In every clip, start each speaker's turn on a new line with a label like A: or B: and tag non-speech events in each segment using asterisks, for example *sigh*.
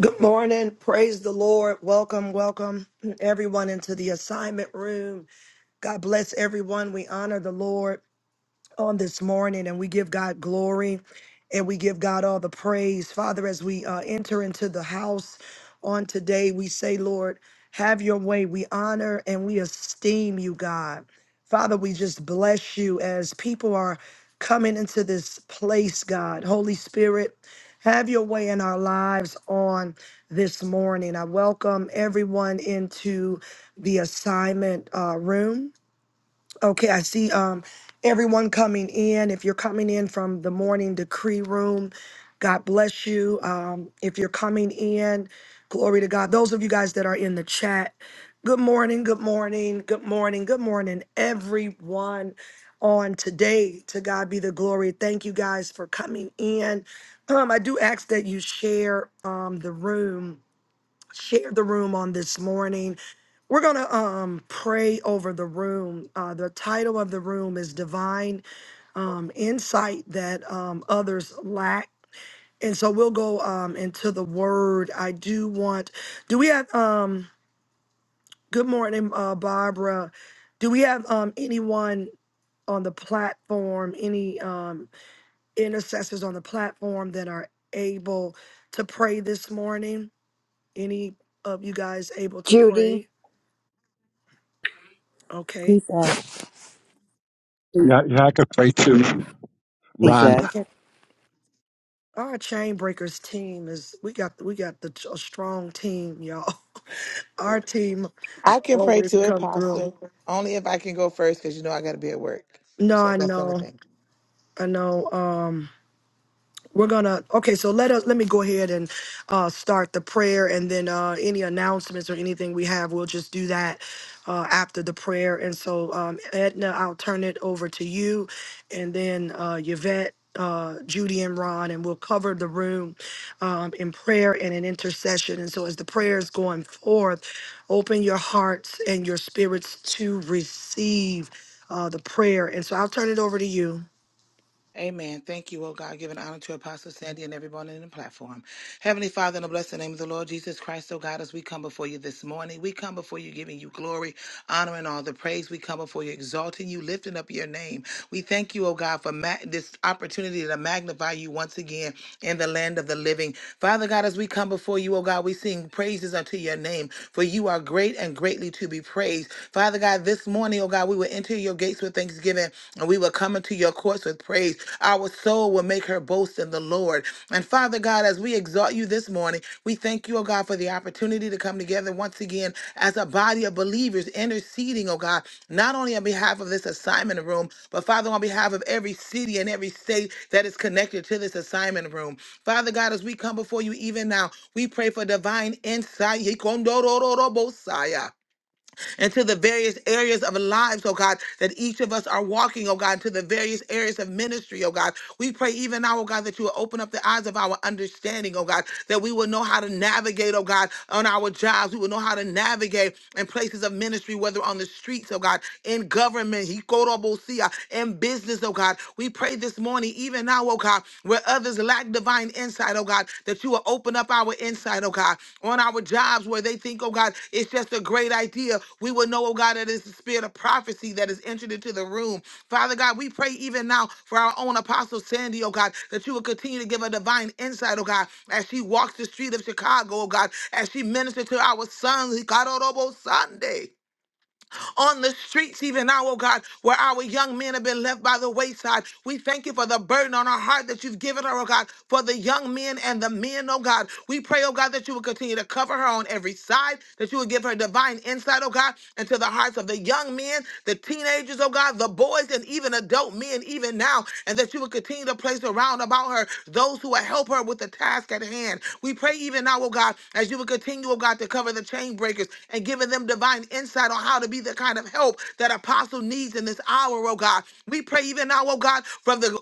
A: Good morning. Praise the Lord. Welcome, welcome everyone into the assignment room. God bless everyone. We honor the Lord on this morning and we give God glory and we give God all the praise. Father, as we uh, enter into the house on today, we say, Lord, have your way. We honor and we esteem you, God. Father, we just bless you as people are coming into this place, God. Holy Spirit, have your way in our lives on this morning. I welcome everyone into the assignment uh, room. Okay, I see um everyone coming in. If you're coming in from the morning decree room, God bless you. Um, if you're coming in, glory to God. Those of you guys that are in the chat, good morning, good morning, good morning, good morning, everyone on today. To God be the glory. Thank you guys for coming in. Um, I do ask that you share um the room share the room on this morning. We're going to um, pray over the room. Uh, the title of the room is Divine um, Insight That um, Others Lack. And so we'll go um, into the word. I do want, do we have, um, good morning, uh, Barbara. Do we have um, anyone on the platform, any um, intercessors on the platform that are able to pray this morning? Any of you guys able to pray?
B: Judy.
A: Okay.
C: Amen.
D: Yeah, yeah, I could play too, Ron.
C: Yvette.
A: Okay. our chain breakers team is we got we got the a strong team, y'all. *laughs* Our team
E: I can pray
A: always
E: to
A: come through.
E: Apostle only if I can go first because you know I got to be at work.
A: No,
E: So
A: I
E: that's the only
A: know.
E: thing.
A: I know. Um. We're gonna okay, so let us let me go ahead and uh start the prayer and then uh any announcements or anything we have, we'll just do that uh after the prayer. And so um Edna, I'll turn it over to you and then uh Yvette uh Judy and Ron and we'll cover the room um in prayer and in intercession. And so as the prayer is going forth, open your hearts and your spirits to receive uh the prayer. And so I'll turn it over to you.
E: Amen. Thank you, oh God. Give an honor to Apostle Sandy and everyone in the platform. Heavenly Father, in the blessed name of the Lord Jesus Christ, oh God, as we come before you this morning, we come before you giving you glory, honor, and all the praise. We come before you exalting you, lifting up your name. We thank you, oh God, for ma- this opportunity to magnify you once again in the land of the living. Father God, as we come before you, oh God, we sing praises unto your name, for you are great and greatly to be praised. Father God, this morning, oh God, we will enter your gates with thanksgiving and we will come into your courts with praise. Our soul will make her boast in the Lord. And Father God, as God, as we exalt you this morning, we thank you, oh God, for the opportunity to come together once again as a body of believers interceding, oh God, not only on behalf of this assignment room, but Father, on behalf of every city and every state that is connected to this assignment room. Father God, as we come before you even now, we pray for divine insight. Hikondororobosaya and to the various areas of lives, oh God, that each of us are walking, oh God, to the various areas of ministry, oh God. We pray even now, oh God, that you will open up the eyes of our understanding, oh God, that we will know how to navigate, oh God, on our jobs. We will know how to navigate in places of ministry, whether on the streets, oh God, in government, Hikorobosia, in business, oh God. We pray this morning, even now, oh God, where others lack divine insight, oh God, that you will open up our insight, oh God, on our jobs where they think, oh God, it's just a great idea. We will know, oh God, that it's the spirit of prophecy that is entered into the room. Father God, we pray even now for our own apostle Sandy, oh God, that you will continue to give a divine insight, oh God, as she walks the street of Chicago, oh God, as she ministers to our sons, God, Sunday on the streets even now, oh God, where our young men have been left by the wayside. We thank you for the burden on our heart that you've given her, oh God, for the young men and the men, oh God. We pray, oh God, that you will continue to cover her on every side, that you will give her divine insight, oh God, into the hearts of the young men, the teenagers, oh God, the boys, and even adult men, even now, and that you will continue to place around about her those who will help her with the task at hand. We pray even now, oh God, as you will continue, oh God, to cover the chain breakers and and giving them divine insight on how to be the kind of help that apostle needs in this hour, oh God. We pray even now, oh God, from the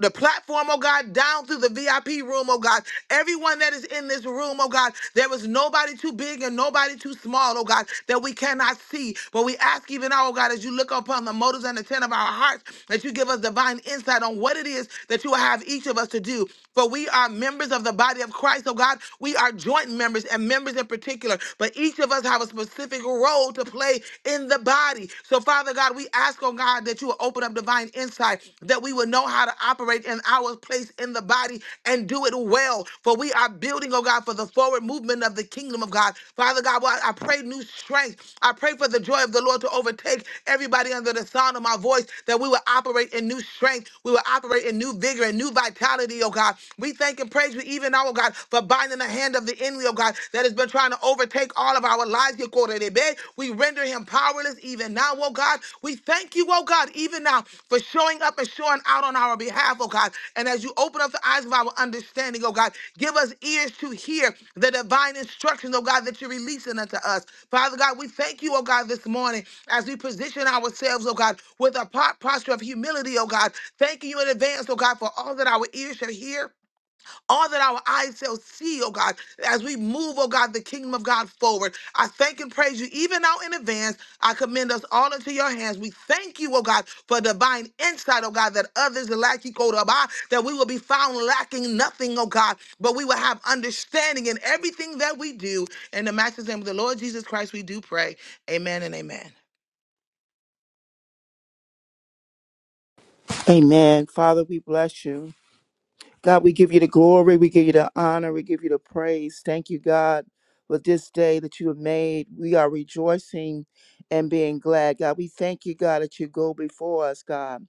E: the platform, oh God, down through the VIP room, oh God. Everyone that is in this room, oh God, there is nobody too big and nobody too small, oh God, that we cannot see. But we ask even now, oh God, as you look upon the motives and intent of our hearts, that you give us divine insight on what it is that you will have each of us to do. For we are members of the body of Christ, oh God. We are joint members and members members in particular, but each of us have a specific role to play in the body. So, Father God, we ask, oh God, that you will open up divine insight, that we will know how to operate in our place in the body and do it well. For we are building, oh God, for the forward movement of the kingdom of God. Father God, well, I pray new strength. I pray for the joy of the Lord to overtake everybody under the sound of my voice, that we will operate in new strength. We will operate in new vigor and new vitality, oh God. We thank and praise you even now, oh God, for but binding the hand of the enemy, oh God, that has been trying to overtake all of our lives. Your quarter day, babe. We render him powerless even now, oh God. We thank you, oh God, even now for showing up and showing out on our behalf, oh God. And as you open up the eyes of our understanding, oh God, give us ears to hear the divine instructions, oh God, that you're releasing unto us. Father God, we thank you, oh God, this morning as we position ourselves, oh God, with a po- posture of humility, oh God. Thanking you in advance, oh God, for all that our ears shall hear all that our eyes shall see, oh God, as we move, oh God, the kingdom of God forward. I thank and praise you even now in advance. I commend us all into your hands. We thank you, oh God, for divine insight, oh God, that others lack you, go to buy, that we will be found lacking nothing, oh God, but we will have understanding in everything that we do. In the master's name of the Lord Jesus Christ, we do pray. Amen and amen.
C: Amen. Father, we bless you. God, we give you the glory. We give you the honor. We give you the praise. Thank you, God, for this day that you have made. We are rejoicing and being glad. God, we thank you, God, that you go before us, God.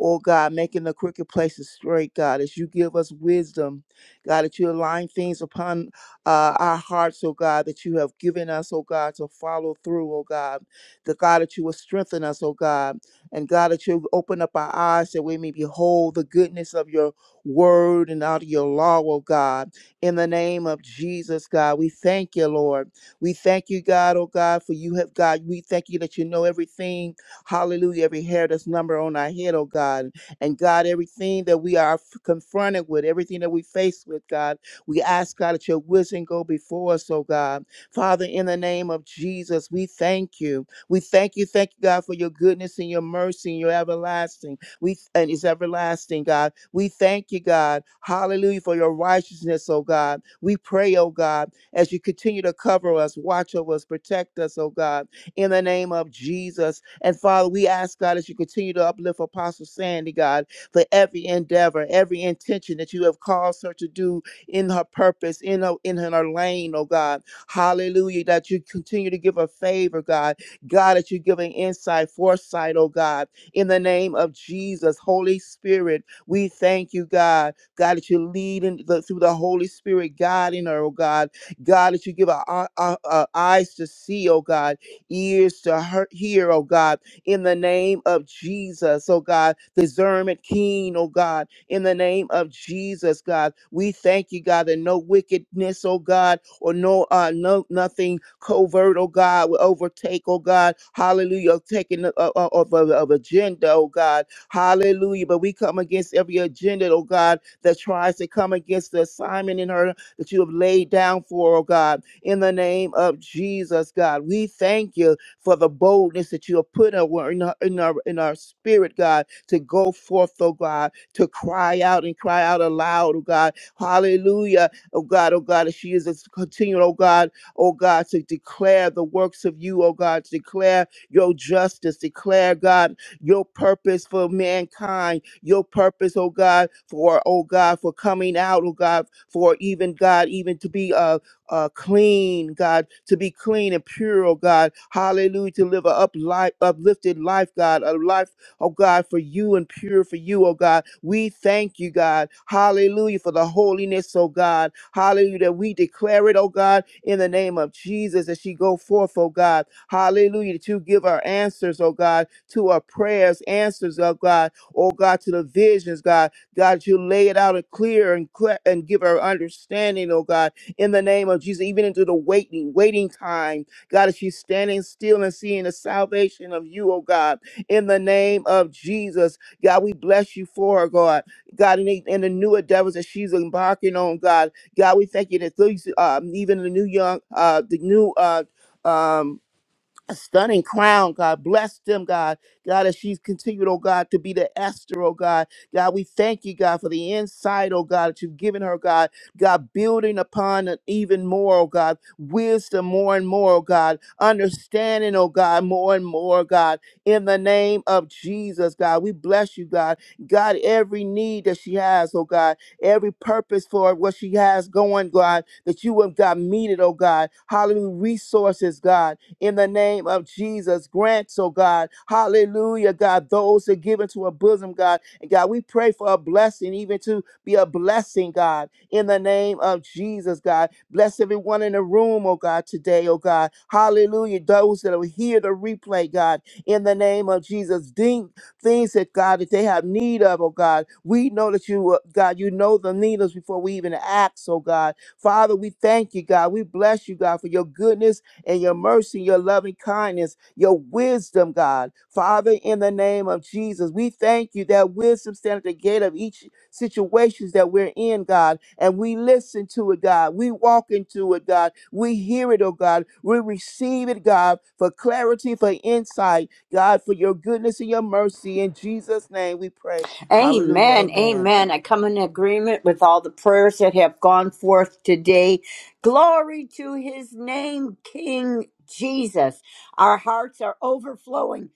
C: Oh God, making the crooked places straight, God, as you give us wisdom, God, that you align things upon uh, our hearts, oh God, that you have given us, oh God, to follow through, oh God. The God that you will strengthen us, oh God. And God, that you open up our eyes that we may behold the goodness of your word and out of your law, oh God. In the name of Jesus, God, we thank you, Lord. We thank you, God, oh God, for you have, God, we thank you that you know everything Hallelujah. Every hair that's number on our head, oh God. And God, everything that we are f- confronted with, everything that we face with, God, we ask, God, that your wisdom go before us, oh God. Father, in the name of Jesus, we thank you. We thank you, thank you, God, for your goodness and your mercy and your everlasting. We and it's everlasting, God. We thank you, God. Hallelujah for your righteousness, oh God. We pray, oh God, as you continue to cover us, watch over us, protect us, oh God in the name of Jesus. And Father, we ask God as you continue to uplift Apostle Sandy, God, for every endeavor, every intention that you have caused her to do in her purpose, in her in her lane, oh God. Hallelujah. That you continue to give her favor, God. God, that you give an insight, foresight, oh God. In the name of Jesus, Holy Spirit, we thank you, God. God, that you lead in the, through the Holy Spirit, guiding her, oh God. God, that you give our, our, our eyes to see, oh God ears to hear, hear, oh God, in the name of Jesus, oh God, discernment keen, oh God, in the name of Jesus, God. We thank you, God, that no wickedness, oh God, or no uh no nothing covert, oh God, will overtake, oh God, hallelujah, taking uh, uh, of, of, of agenda, oh God, hallelujah. But we come against every agenda, oh God, that tries to come against the assignment in her that you have laid down for, oh God in the name of Jesus, God. We thank you for the boldness that you have put in our, in our, in our in our spirit, God, to go forth, oh God, to cry out and cry out aloud, oh God. Hallelujah, oh God, oh God, as she is as continuing, oh God, oh God, to declare the works of you, oh God, to declare your justice, declare, God, your purpose for mankind, your purpose, oh God, for, oh God, for coming out, oh God, for even, God, even to be, uh, uh, clean, God, to be clean and pure, oh God. Hallelujah, to live a up life, uplifted life, God, a life, oh God, for you and pure for you, oh God. We thank you, God. Hallelujah, for the holiness, oh God. Hallelujah, that we declare it, oh God, in the name of Jesus, as she go forth, oh God. Hallelujah, that you give our answers, oh God, to our prayers, answers, oh God, oh God, to the visions, God. God, you lay it out and clear and clear and give her understanding, oh God in the name of Jesus, even into the waiting, waiting time. God, as she's standing still and seeing the salvation of you, oh God, in the name of Jesus. God, we bless you for her, God. God, in the, in the new endeavors that she's embarking on, God. God, we thank you that these, um, even the new young, uh, the new, uh, um, a stunning crown, God. Bless them, God. God, as she's continued, oh God, to be the Esther, oh God. God, we thank you, God, for the insight, oh God, that you've given her, God. God, building upon it even more, oh God. Wisdom more and more, oh God. Understanding, oh God, more and more, God. In the name of Jesus, God, we bless you, God. God, every need that she has, oh God. Every purpose for what she has going, God, that you have, God, meet it, oh God. Hallelujah. Resources, God in the name of Jesus. Grant, oh God, hallelujah, God, those that give into a bosom, God. And God, we pray for a blessing, even to be a blessing, God, in the name of Jesus, God. Bless everyone in the room, oh God, today, oh God. Hallelujah. Those that will hear the replay, God, in the name of Jesus. Think things that God that they have need of, oh God. We know that you, uh, God, you know the need before we even ask, oh God. Father, we thank you, God. We bless you, God, for your goodness and your mercy, your loving kindness, your wisdom, God. Father, in the name of Jesus, we thank you that wisdom stands at the gate of each situations that we're in, God, and we listen to it, God. We walk into it, God. We hear it, oh God. We receive it, God, for clarity, for insight, God, for your goodness and your mercy. In Jesus' name we pray. Hallelujah.
B: Amen.
C: Amen.
B: Amen. I come in agreement with all the prayers that have gone forth today. Glory to his name, King Jesus. Our hearts are overflowing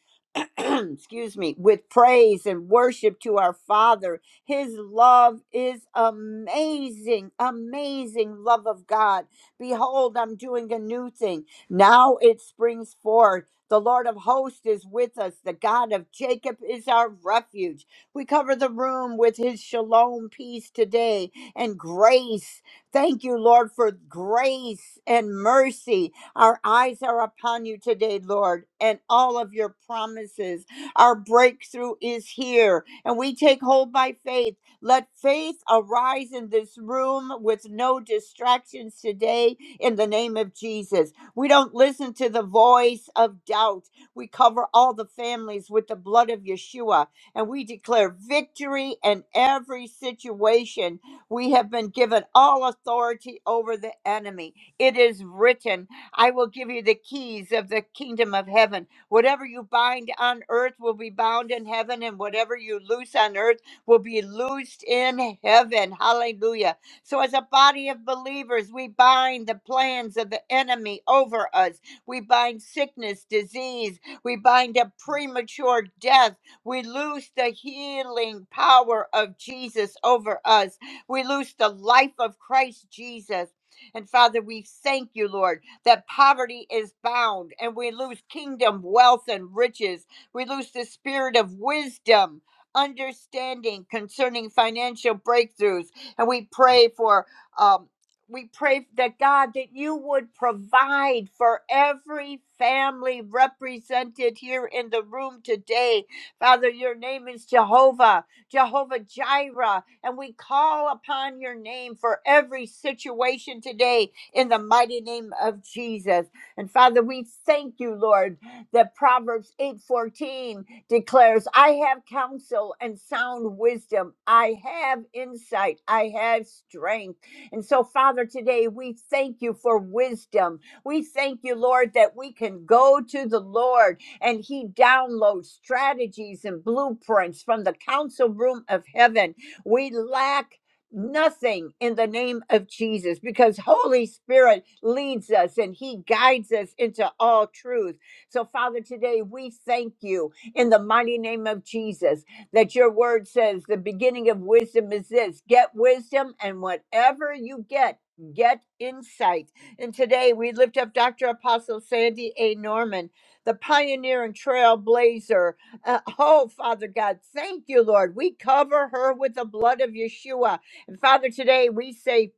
B: *clears throat* excuse me, with praise and worship to our Father. His love is amazing, amazing love of God. Behold, I'm doing a new thing. Now it springs forth. The Lord of hosts is with us. The God of Jacob is our refuge. We cover the room with his shalom peace today and grace. Thank you, Lord, for grace and mercy. Our eyes are upon you today, Lord, and all of your promises. Our breakthrough is here, and we take hold by faith. Let faith arise in this room with no distractions today in the name of Jesus. We don't listen to the voice of doubt. We cover all the families with the blood of Yeshua, and we declare victory in every situation. We have been given all authority over the enemy. It is written I will give you the keys of the kingdom of heaven. Whatever you bind on earth will be bound in heaven, and whatever you loose on earth will be loosed in heaven. Hallelujah. So, as a body of believers, we bind the plans of the enemy over us. We bind sickness, disease. We bind a premature death. We loose the healing power of Jesus over us. We loose the life of Christ Jesus. And Father, we thank you, Lord that poverty is bound and we lose kingdom, wealth, and riches. We lose the spirit of wisdom, understanding concerning financial breakthroughs. And we pray for, um, we pray that God, that you would provide for every family represented here in the room today. Father, your name is Jehovah, Jehovah Jireh, and we call upon your name for every situation today in the mighty name of Jesus. And Father, we thank you, Lord, that Proverbs 8:14 declares, "I have counsel and sound wisdom. I have insight. I have strength." And so, Father, today we thank you for wisdom. We thank you, Lord, that we can go to the Lord and he downloads strategies and blueprints from the council room of heaven. We lack nothing in the name of Jesus because Holy Spirit leads us and he guides us into all truth. So Father, today we thank you in the mighty name of Jesus that your word says the beginning of wisdom is this, get wisdom and whatever you get Get insight. And today we lift up Dr. Apostle Sandy A. Norman, the pioneer and trailblazer. Uh, oh, Father God, thank you, Lord. We cover her with the blood of Yeshua and Father, today we say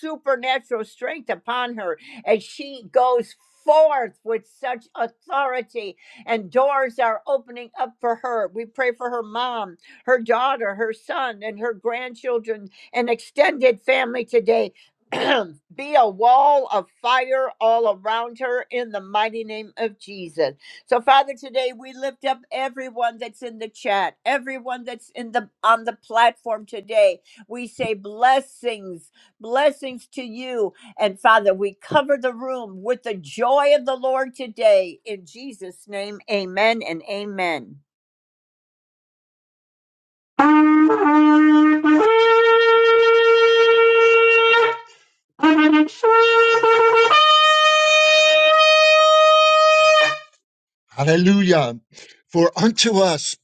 B: supernatural strength upon her as she goes forth with such authority and doors are opening up for her. We pray for her mom, her daughter, her son, and her grandchildren and extended family today. *clears throat* Be a wall of fire all around her in the mighty name of Jesus. So, Father, today we lift up everyone that's in the chat, everyone that's in the on the platform today we say blessings, blessings to you. And Father, we cover the room with the joy of the Lord today. In Jesus' name, amen and amen.
D: Hallelujah. For unto us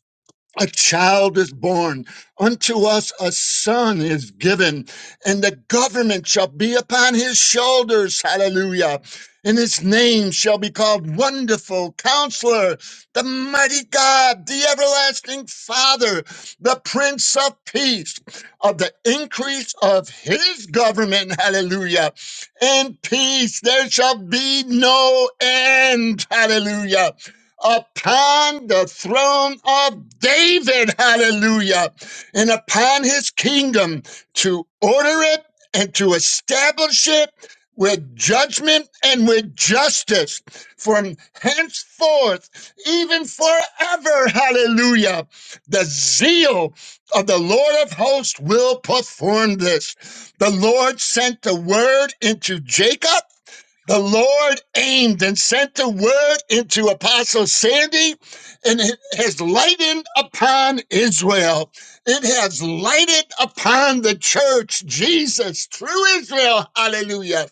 D: a child is born, unto us a son is given, and the government shall be upon his shoulders. Hallelujah. And his name shall be called Wonderful Counselor, the Mighty God, the Everlasting Father, the Prince of Peace, of the increase of his government. Hallelujah. And peace, there shall be no end. Hallelujah upon the throne of David. Hallelujah. And upon his kingdom to order it and to establish it with judgment and with justice from henceforth, even forever. Hallelujah. The zeal of the Lord of hosts will perform this. The Lord sent the word into Jacob the Lord aimed and sent the word into Apostle Sandy, and it has lightened upon Israel. It has lighted upon the church, Jesus, true Israel. Hallelujah.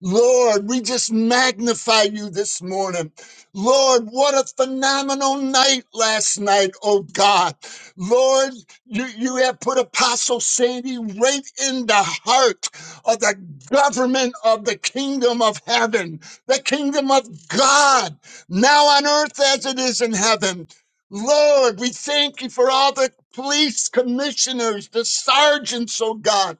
D: Lord, we just magnify you this morning. Lord, what a phenomenal night last night, oh God. Lord, you, you have put Apostle Sandy right in the heart of the government of the kingdom of heaven, the kingdom of God, now on earth as it is in heaven. Lord, we thank you for all the police commissioners, the sergeants, oh God.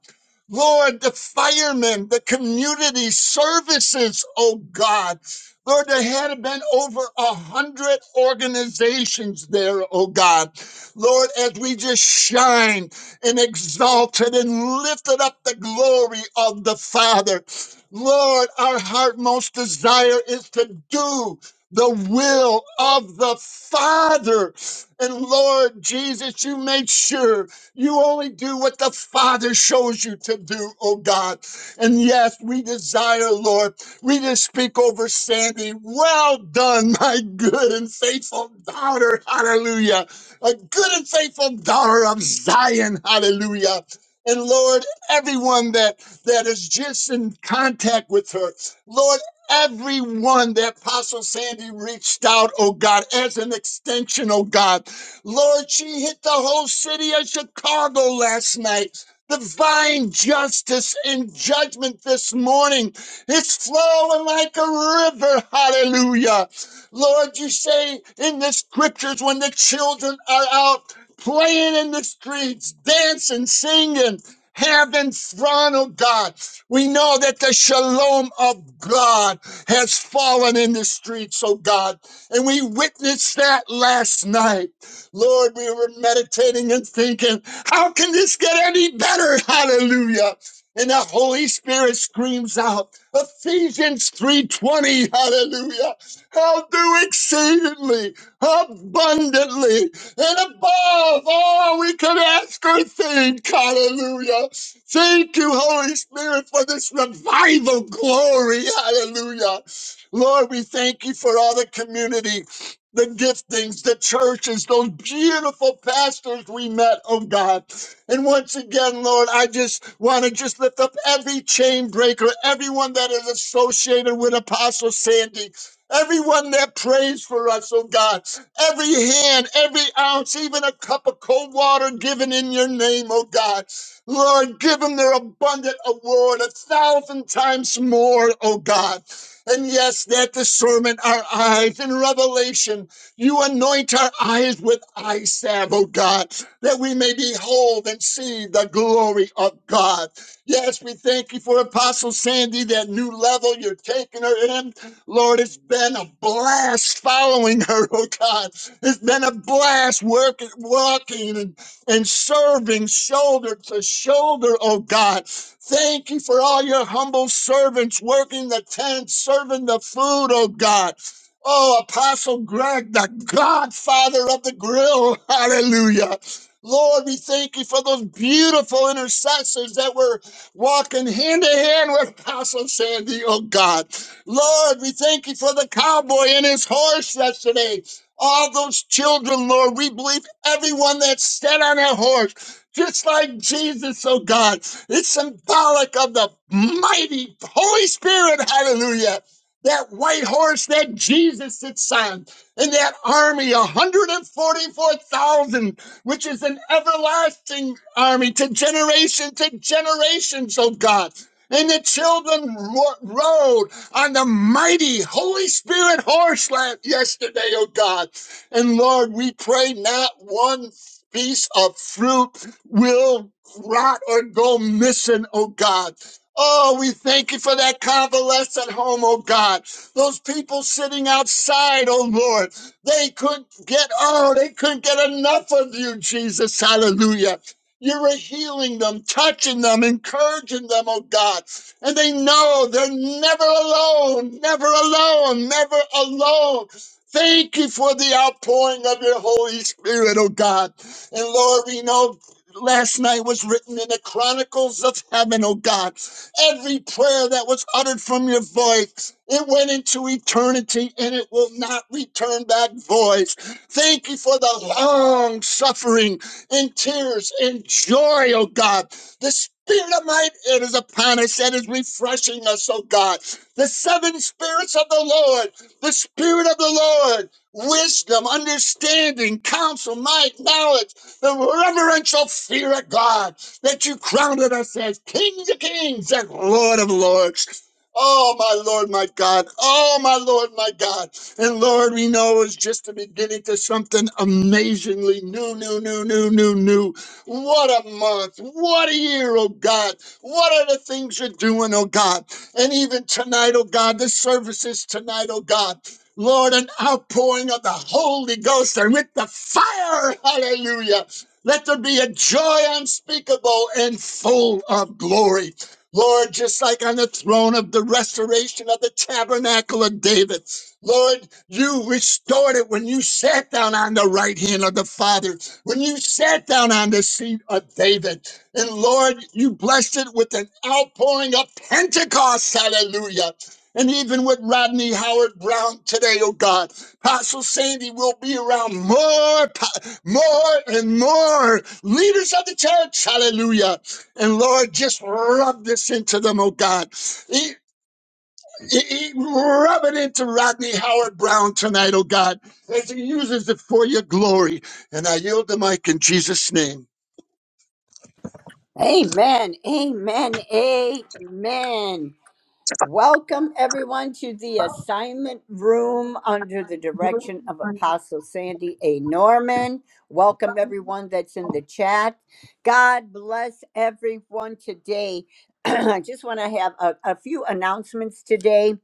D: Lord, the firemen, the community services, oh God. Lord, there had been over a hundred organizations there, oh God. Lord, as we just shine and exalted and lifted up the glory of the Father. Lord, our heart most desire is to do the will of the Father. And Lord Jesus, you made sure you only do what the Father shows you to do, oh God. And yes, we desire, Lord, we just speak over Sandy. Well done, my good and faithful daughter. Hallelujah a good and faithful daughter of Zion. Hallelujah. And Lord, everyone that that is just in contact with her, Lord, everyone that Apostle Sandy reached out, oh God, as an extension, oh God. Lord, she hit the whole city of Chicago last night. Divine justice and judgment this morning. It's flowing like a river. Hallelujah. Lord, you say in the scriptures when the children are out playing in the streets, dancing, singing, having fun, oh God. We know that the shalom of God has fallen in the streets, oh God. And we witnessed that last night. Lord, we were meditating and thinking, how can this get any better? *laughs* Hallelujah. And the Holy Spirit screams out, Ephesians 3:20, hallelujah. I'll do exceedingly, abundantly, and above all we can ask or think. Hallelujah. Thank you, Holy Spirit, for this revival glory. Hallelujah. Lord, we thank you for all the community, the giftings, the churches, those beautiful pastors we met, oh God. And once again, Lord, I just want to just lift up every chain breaker, everyone that is associated with Apostle Sandy. Everyone that prays for us, oh God, every hand, every ounce, even a cup of cold water given in your name, oh God. Lord, give them their abundant award a thousand times more, oh God. And yes, that discernment, our eyes in revelation, you anoint our eyes with eye salve, oh God, that we may behold and see the glory of God. Yes, we thank you for Apostle Sandy, that new level you're taking her in. Lord, it's been a blast following her, oh God. It's been a blast work, walking and, and serving shoulder to shoulder, oh God. Thank you for all your humble servants working the tent, serving the food, oh God. Oh, Apostle Greg, the godfather of the grill. *laughs* Hallelujah. Lord, we thank you for those beautiful intercessors that were walking hand in hand with Apostle Sandy, oh God. Lord, we thank you for the cowboy and his horse yesterday. All those children, Lord, we believe everyone that sat on that horse, just like Jesus, oh God. It's symbolic of the mighty Holy Spirit, hallelujah. That white horse that Jesus sits on, and that army, 144,000, which is an everlasting army to generation to generations, oh God. And the children ro- rode on the mighty Holy Spirit horse lamp yesterday, oh God. And Lord, we pray not one piece of fruit will rot or go missing, oh God. Oh, we thank you for that convalescent home, oh God. Those people sitting outside, oh Lord, they couldn't get, oh, they couldn't get enough of you, Jesus. Hallelujah. You were healing them, touching them, encouraging them, oh God and they know they're never alone, never alone, never alone. Thank you for the outpouring of your Holy Spirit, oh God. And Lord, we know last night was written in the chronicles of heaven, oh God. Every prayer that was uttered from your voice, it went into eternity and it will not return back void. Thank you for the long suffering and tears and joy, oh God. The spirit of might it is upon us and is refreshing us, oh God. The seven spirits of the Lord, the spirit of the Lord, wisdom, understanding, counsel, might, knowledge, the reverential fear of God that you crowned us as kings of kings and Lord of lords. Oh, my Lord, my God. Oh, my Lord, my God. And Lord, we know it's just the beginning to something amazingly new, new, new, new, new, new. What a month. What a year, oh God. What are the things you're doing, oh God? And even tonight, oh God, the services tonight, oh God. Lord, an outpouring of the Holy Ghost and with the fire. Hallelujah. Let there be a joy unspeakable and full of glory. Lord, just like on the throne of the restoration of the tabernacle of David, Lord, you restored it when you sat down on the right hand of the Father. When you sat down on the seat of David, and Lord, you blessed it with an outpouring of Pentecost, hallelujah. And even with Rodney Howard Brown today, oh God, Apostle Sandy will be around more, pa- more and more leaders of the church, hallelujah. And Lord, just rub this into them, oh God. E, E- e- Rub it into Rodney Howard Brown tonight, oh God, as he uses it for your glory. And I yield the mic in Jesus' name.
B: Amen, amen, amen. Welcome, everyone, to the assignment room under the direction of Apostle Sandy A. Norman. Welcome, everyone that's in the chat. God bless everyone today. *clears throat* I just want to have a, a few announcements today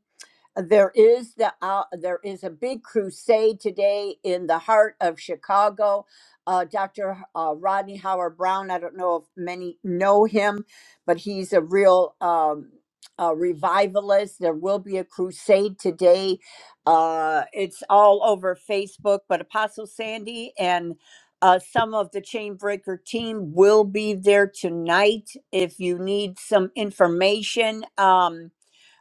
B: there is the uh, there is a big crusade today in the heart of Chicago. Uh, Dr. Uh, Rodney Howard Brown. I don't know if many know him, but he's a real um, uh, revivalist. There will be a crusade today. Uh, it's all over Facebook. But Apostle Sandy and uh, some of the Chainbreaker team will be there tonight. If you need some information. Um,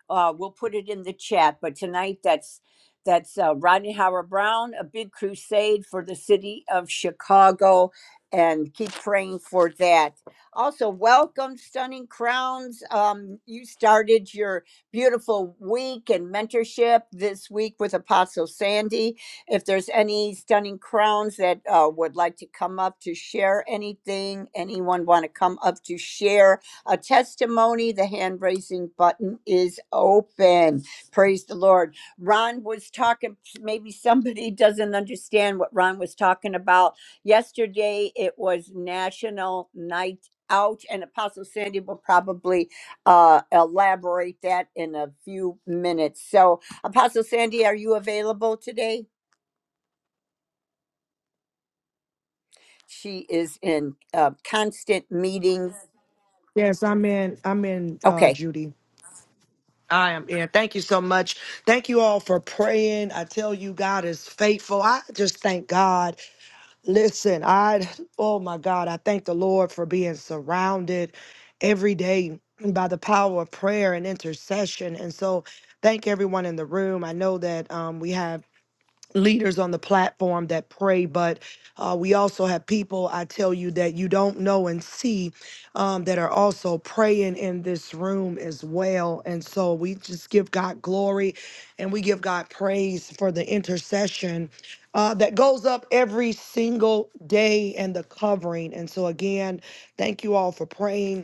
B: uh, we'll put it in the chat. But tonight, that's that's uh, Rodney Howard Brown, a big crusade for the city of Chicago, and keep praying for that. Also, welcome, Stunning Crowns. Um, you started your beautiful week and mentorship this week with Apostle Sandy. If there's any Stunning Crowns that uh, would like to come up to share anything, anyone want to come up to share, a testimony. The hand raising button is open. Praise the Lord. Ron was talking, maybe somebody *laughs* doesn't understand what Ron was talking about. Yesterday, it was National Night Out, and Apostle Sandy will probably uh, elaborate that in a few minutes. So, Apostle Sandy, are you available today? She is in uh, constant meetings.
A: Yes, I'm in I'm in uh
B: Okay.
A: Judy. I am in. Thank you so much. Thank you all for praying. I tell you, God is faithful. I just thank God. Listen, I, oh my God, I thank the Lord for being surrounded every day by the power of prayer and intercession. And so, thank everyone in the room. I know that um, we have leaders on the platform that pray, but uh, we also have people, I tell you, that you don't know and see um, that are also praying in this room as well. And so we just give God glory and we give God praise for the intercession uh, that goes up every single day and the covering. And so, again, thank you all for praying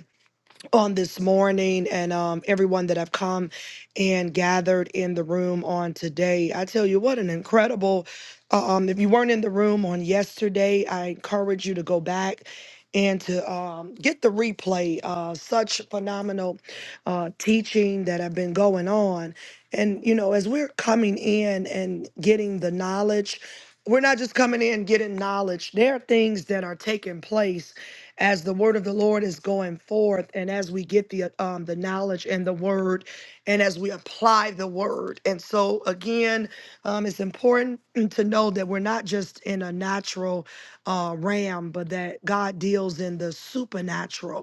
A: on this morning and um, everyone that have come and gathered in the room on today. I tell you what, an incredible. uh, Um, if you weren't in the room on yesterday, I encourage you to go back and to um, get the replay. Uh, such phenomenal uh, teaching that have been going on. And, you know, as we're coming in and getting the knowledge, we're not just coming in getting knowledge. There are things that are taking place as the word of the Lord is going forth and as we get the um the knowledge and the word and as we apply the word. And so again, um it's important *clears throat* to know that we're not just in a natural uh realm, but that God deals in the supernatural.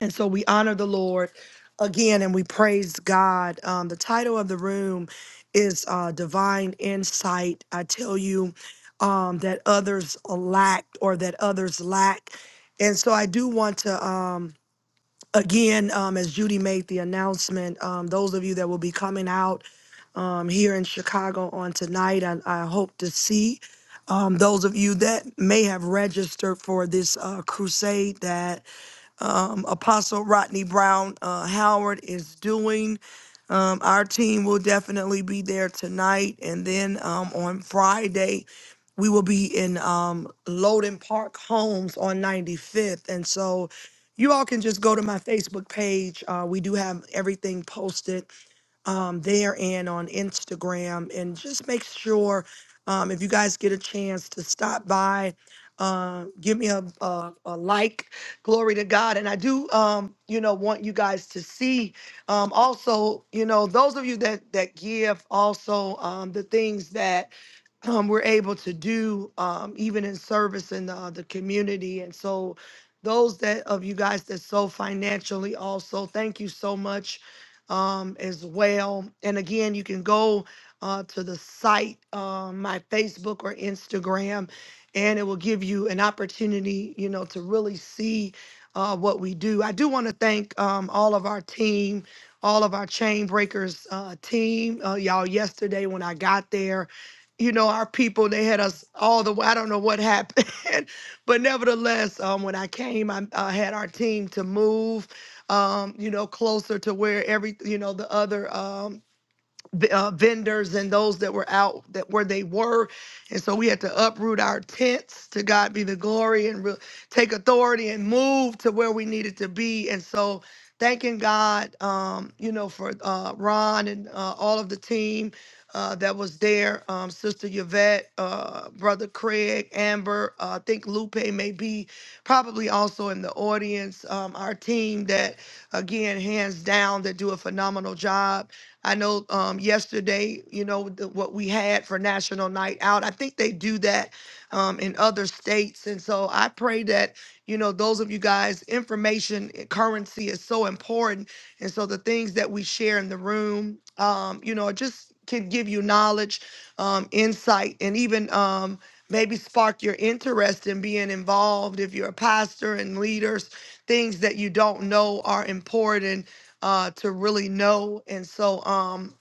A: And so we honor the Lord again and we praise God. Um, the title of the room is uh, Divine Insight. I tell you um, that others lack or that others lack. And so I do want to, um, again, um, as Judy made the announcement, um, those of you that will be coming out um, here in Chicago on tonight, I, I hope to see. Um, those of you that may have registered for this uh, crusade that um, Apostle Rodney Brown uh, Howard is doing. Um, our team will definitely be there tonight. And then um, on Friday, we will be in um, Loden Park Homes on 95th. And so you all can just go to my Facebook page. Uh, we do have everything posted um, there and on Instagram. And just make sure um, if you guys get a chance to stop by, uh, give me a, a, a like. Glory to God. And I do, um, you know, want you guys to see um, also, you know, those of you that that give also um, the things that um, we're able to do um, even in service in the, the community and so those that of you guys that sow financially also thank you so much um, as well and again you can go uh, to the site um, my facebook or instagram and it will give you an opportunity you know to really see uh, what we do i do want to thank um, all of our team all of our chain breakers uh, team uh, y'all yesterday when i got there you know, our people, they had us all the way. I don't know what happened, *laughs* but nevertheless, um, when I came, I uh, had our team to move, um, you know, closer to where every, you know, the other um, v- uh, vendors and those that were out that where they were and so we had to uproot our tents to god be the glory and re- take authority and move to where we needed to be and so thanking god um, you know for uh, ron and uh, all of the team uh, that was there um, sister yvette uh, brother craig amber uh, i think lupe may be probably also in the audience um, our team that again hands down that do a phenomenal job I know um, yesterday, you know, the, what we had for National Night Out. I think they do that um, in other states. And so I pray that, you know, those of you guys, information uh, currency is so important. And so the things that we share in the room, um, you know, it just can give you knowledge, um, insight, and even um, maybe spark your interest in being involved if you're a pastor and leaders. Things that you don't know are important uh, to really know. And so, um,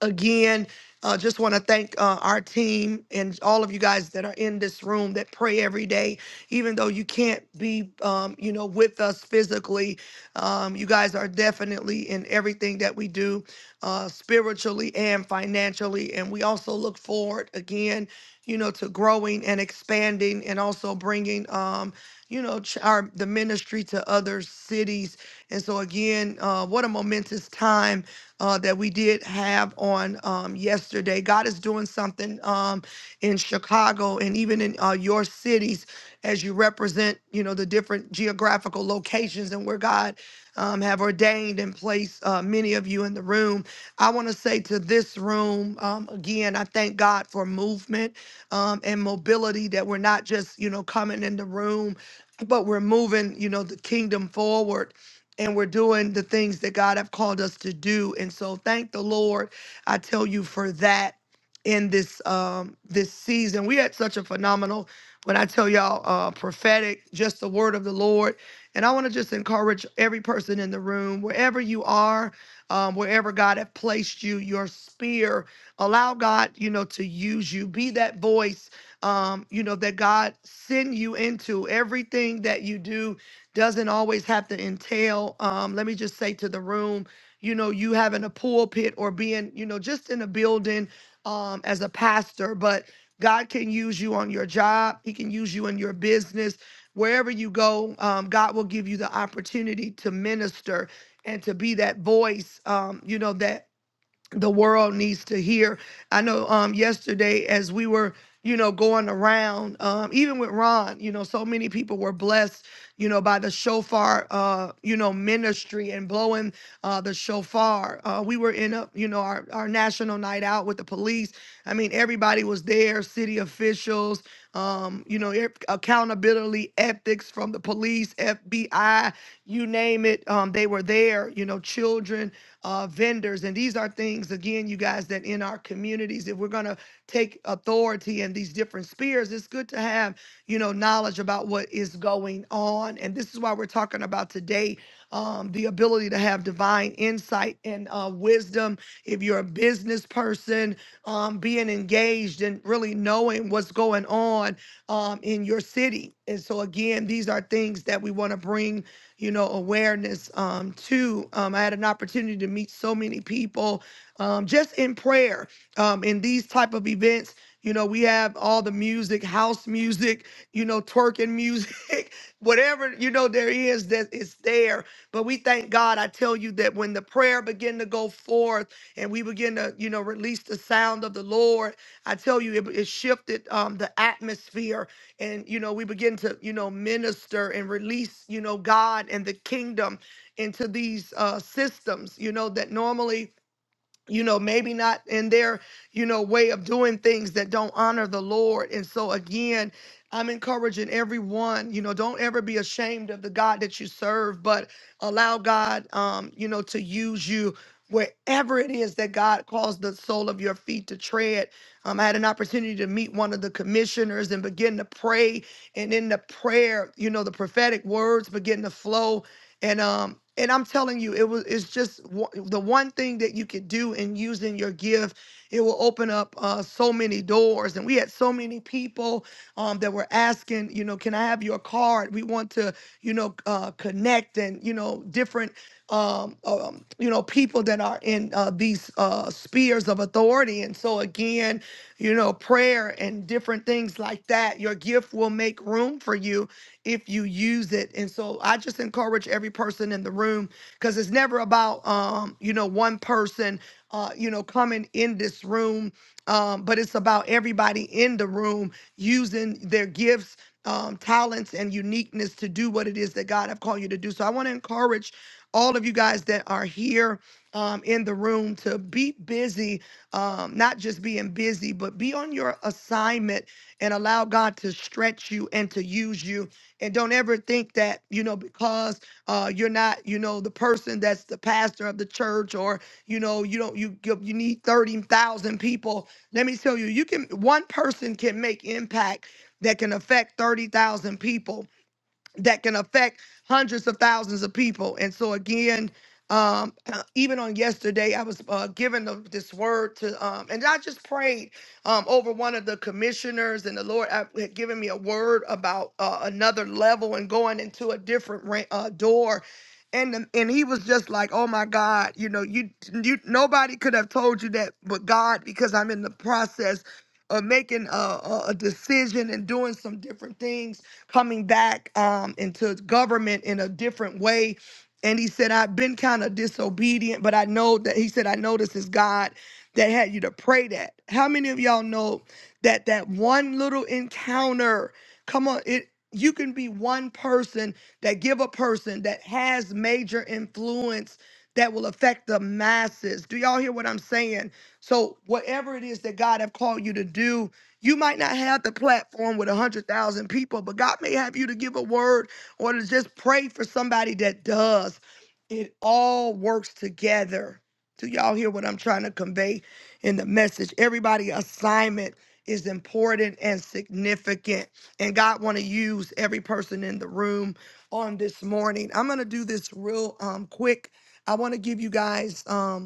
A: again. Uh, just want to thank uh, our team and all of you guys that are in this room that pray every day, even though you can't be, um, you know, with us physically. Um, you guys are definitely in everything that we do, uh, spiritually and financially. And we also look forward again, you know, to growing and expanding, and also bringing, um, you know, ch- our the ministry to other cities. And so again, uh, what a momentous time uh, that we did have on um, yesterday. God is doing something um, in Chicago and even in uh, your cities as you represent, you know, the different geographical locations and where God um, have ordained and placed uh, many of you in the room. I want to say to this room um, again, I thank God for movement um, and mobility that we're not just, you know, coming in the room, but we're moving, you know, the kingdom forward and we're doing the things that God have called us to do. And so thank the Lord, I tell you for that in this um this season. We had such a phenomenal when I tell y'all uh prophetic, just the word of the Lord. And I want to just encourage every person in the room, wherever you are, um, wherever God have placed you, your spear, allow God, you know, to use you. Be that voice, um, you know, that God send you into everything that you do doesn't always have to entail, um, let me just say to the room, you know, you having a pulpit or being, you know, just in a building um, as a pastor, but God can use you on your job, He can use you in your business. Wherever you go, um, God will give you the opportunity to minister and to be that voice, um, you know, that the world needs to hear. I know um yesterday as we were, you know, going around, um, even with Ron, you know, so many people were blessed, you know, by the shofar uh, you know, ministry and blowing uh the shofar. Uh we were in a, you know, our, our national night out with the police. I mean, everybody was there, city officials, um, you know, e- accountability ethics from the police, FBI, you name it, um, they were there, you know, children uh, vendors. And these are things, again, you guys, that in our communities, if we're going to take authority in these different spheres, it's good to have, you know, knowledge about what is going on. And this is why we're talking about today um, the ability to have divine insight and uh, wisdom. If you're a business person, um, being engaged and really knowing what's going on um, in your city. And so, again, these are things that we want to bring you know, awareness um, too. Um, I had an opportunity to meet so many people um, just in prayer um, in these type of events. You know, we have all the music, house music, you know, twerking music, *laughs* whatever, you know, there is that is there. But we thank God. I tell you that when the prayer begin to go forth and we begin to, you know, release the sound of the Lord, I tell you, it, it shifted um, the atmosphere and you know we begin to you know minister and release you know god and the kingdom into these uh systems you know that normally you know, maybe not in their, you know, way of doing things that don't honor the Lord. And so, again, I'm encouraging everyone, you know, don't ever be ashamed of the God that you serve, but allow God, um, you know, to use you wherever it is that God calls the sole of your feet to tread. Um, I had an opportunity to meet one of the commissioners and begin to pray. And in the prayer, you know, the prophetic words begin to flow and um and I'm telling you, it was it's just one, the one thing that you could do in using your gift. It will open up uh, so many doors, and we had so many people um, that were asking, you know, can I have your card? We want to, you know, uh, connect and you know different, um, um, you know, people that are in uh, these uh, spheres of authority. And so again, you know, prayer and different things like that. Your gift will make room for you if you use it. And so I just encourage every person in the room because it's never about um, you know, one person uh, you know, coming in this room. Um, but it's about everybody in the room using their gifts, um, talents, and uniqueness to do what it is that God have called you to do. So I want to encourage all of you guys that are here um, in the room to be busy, um, not just being busy, but be on your assignment and allow God to stretch you and to use you and don't ever think that, you know, because uh, you're not, you know, the person that's the pastor of the church or, you know, you don't, you, you you need 30,000 people. Let me tell you, you can, one person can make impact that can affect 30,000 people that can affect hundreds of thousands of people. And so again, um, *clears throat* even on yesterday, I was uh, given the, this word to, um, and I just prayed um, over one of the commissioners, and the Lord uh, had given me a word about uh, another level and going into a different ra- uh, door. And, the, and he was just like, oh my God, you know, you, you nobody could have told you that but God, because I'm in the process of making a, a a decision and doing some different things coming back um, into government in a different way. And he said, I've been kind of disobedient, but I know that he said, I know this is God that had you to pray that. How many of y'all know that that one little encounter, come on, it you can be one person that give a person that has major influence that will affect the masses. Do y'all hear what I'm saying? So whatever it is that God have called you to do, you might not have the platform with 100,000 people, but God may have you to give a word or to just pray for somebody that does. It all works together. Do y'all hear what I'm trying to convey in the message? Everybody assignment is important and significant. And God want to use every person in the room on this morning. I'm going to do this real um quick. I want to give you guys um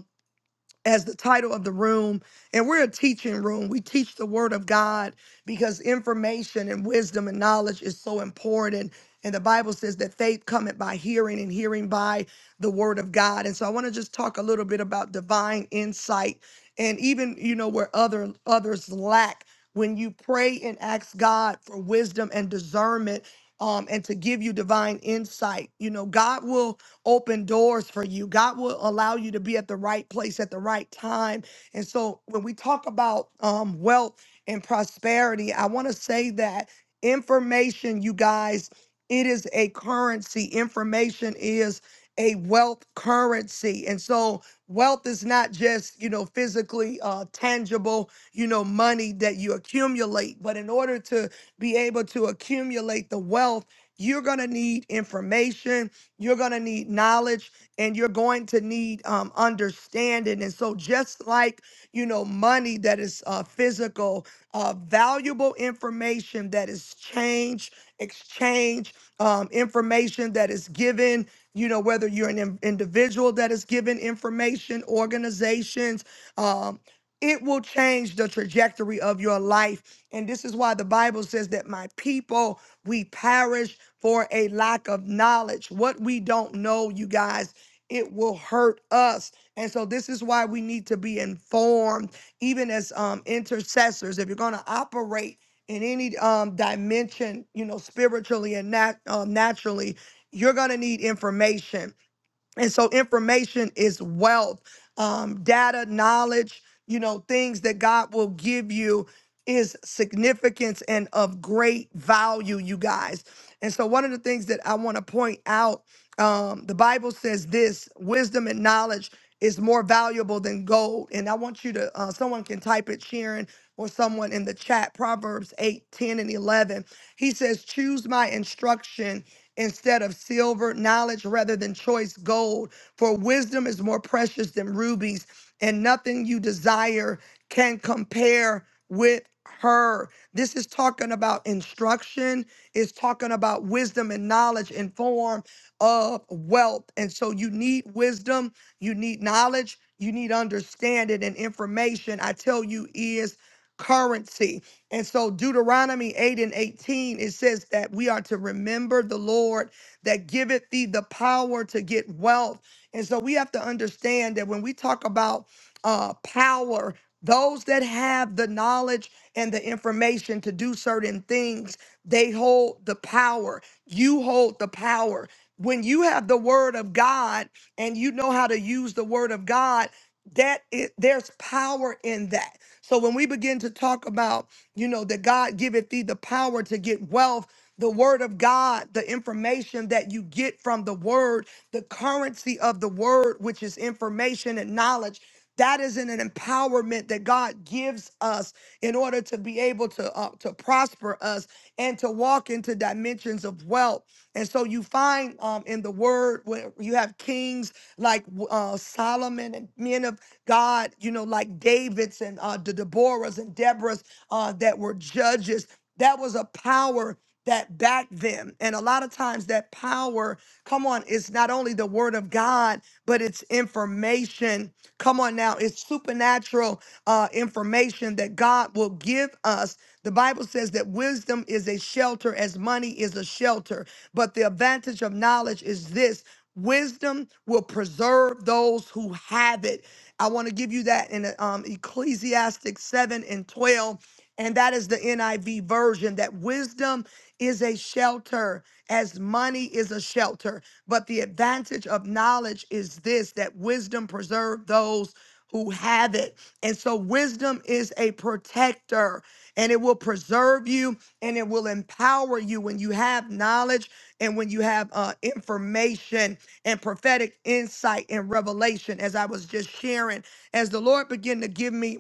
A: as the title of the room. And we're a teaching room. We teach the word of God because information and wisdom and knowledge is so important. And the Bible says that faith cometh by hearing and hearing by the word of God. And so I want to just talk a little bit about divine insight and even, you know, where other others lack. When you pray and ask God for wisdom and discernment um, and to give you divine insight, you know, God will open doors for you. God will allow you to be at the right place at the right time. And so when we talk about um, wealth and prosperity, I want to say that information, you guys, it is a currency. Information is a wealth currency. And so wealth is not just, you know, physically uh, tangible, you know, money that you accumulate, but in order to be able to accumulate the wealth, you're going to need information you're going to need knowledge and you're going to need um, understanding. And so, just like, you know, money that is uh, physical, uh, valuable information that is change, exchange, um, information that is given, you know, whether you're an in- individual that is given information, organizations, um, it will change the trajectory of your life. And this is why the Bible says that my people, we perish for a lack of knowledge. What we don't know, you guys, it will hurt us. And so this is why we need to be informed, even as um, intercessors. If you're going to operate in any um, dimension, you know, spiritually and nat- um, naturally, you're going to need information and so information is wealth. Um, data, knowledge, you know, things that God will give you is significance and of great value, you guys. And so one of the things that I want to point out, um, the Bible says this wisdom and knowledge is more valuable than gold. And I want you to, uh, someone can type it, Sharon, or someone in the chat, Proverbs 8, 10, and 11. He says, Choose my instruction instead of silver, knowledge rather than choice gold. For wisdom is more precious than rubies, and nothing you desire can compare with her. This is talking about instruction, it's talking about wisdom and knowledge in form of wealth. And so you need wisdom, you need knowledge, you need understanding and information. I tell you is currency. And so Deuteronomy 8 and 18, it says that we are to remember the Lord that giveth thee the power to get wealth. And so we have to understand that when we talk about uh, power, those that have the knowledge and the information to do certain things, they hold the power. You hold the power. When you have the word of God and you know how to use the word of God, that is, there's power in that so when we begin to talk about, you know, that God giveth thee the power to get wealth, the word of God, the information that you get from the word, the currency of the word, which is information and knowledge. That is an an empowerment that God gives us in order to be able to to uh, to prosper us and to walk into dimensions of wealth. And so you find um, in the Word where you have kings like uh, Solomon and men of God, you know, like David's and uh, the Deborahs and Deborahs uh, that were judges. That was a power that back them. And a lot of times that power, come on, it's not only the word of God, but it's information. Come on now, it's supernatural uh, information that God will give us. The Bible says that wisdom is a shelter as money is a shelter. But the advantage of knowledge is this wisdom will preserve those who have it. I want to give you that in uh, um, Ecclesiastic 7 and 12 and that is the NIV version that wisdom is a shelter as money is a shelter. But the advantage of knowledge is this that wisdom preserves those who have it. And so wisdom is a protector and it will preserve you and it will empower you when you have knowledge and when you have uh, information and prophetic insight and revelation, as I was just sharing, as the Lord began to give me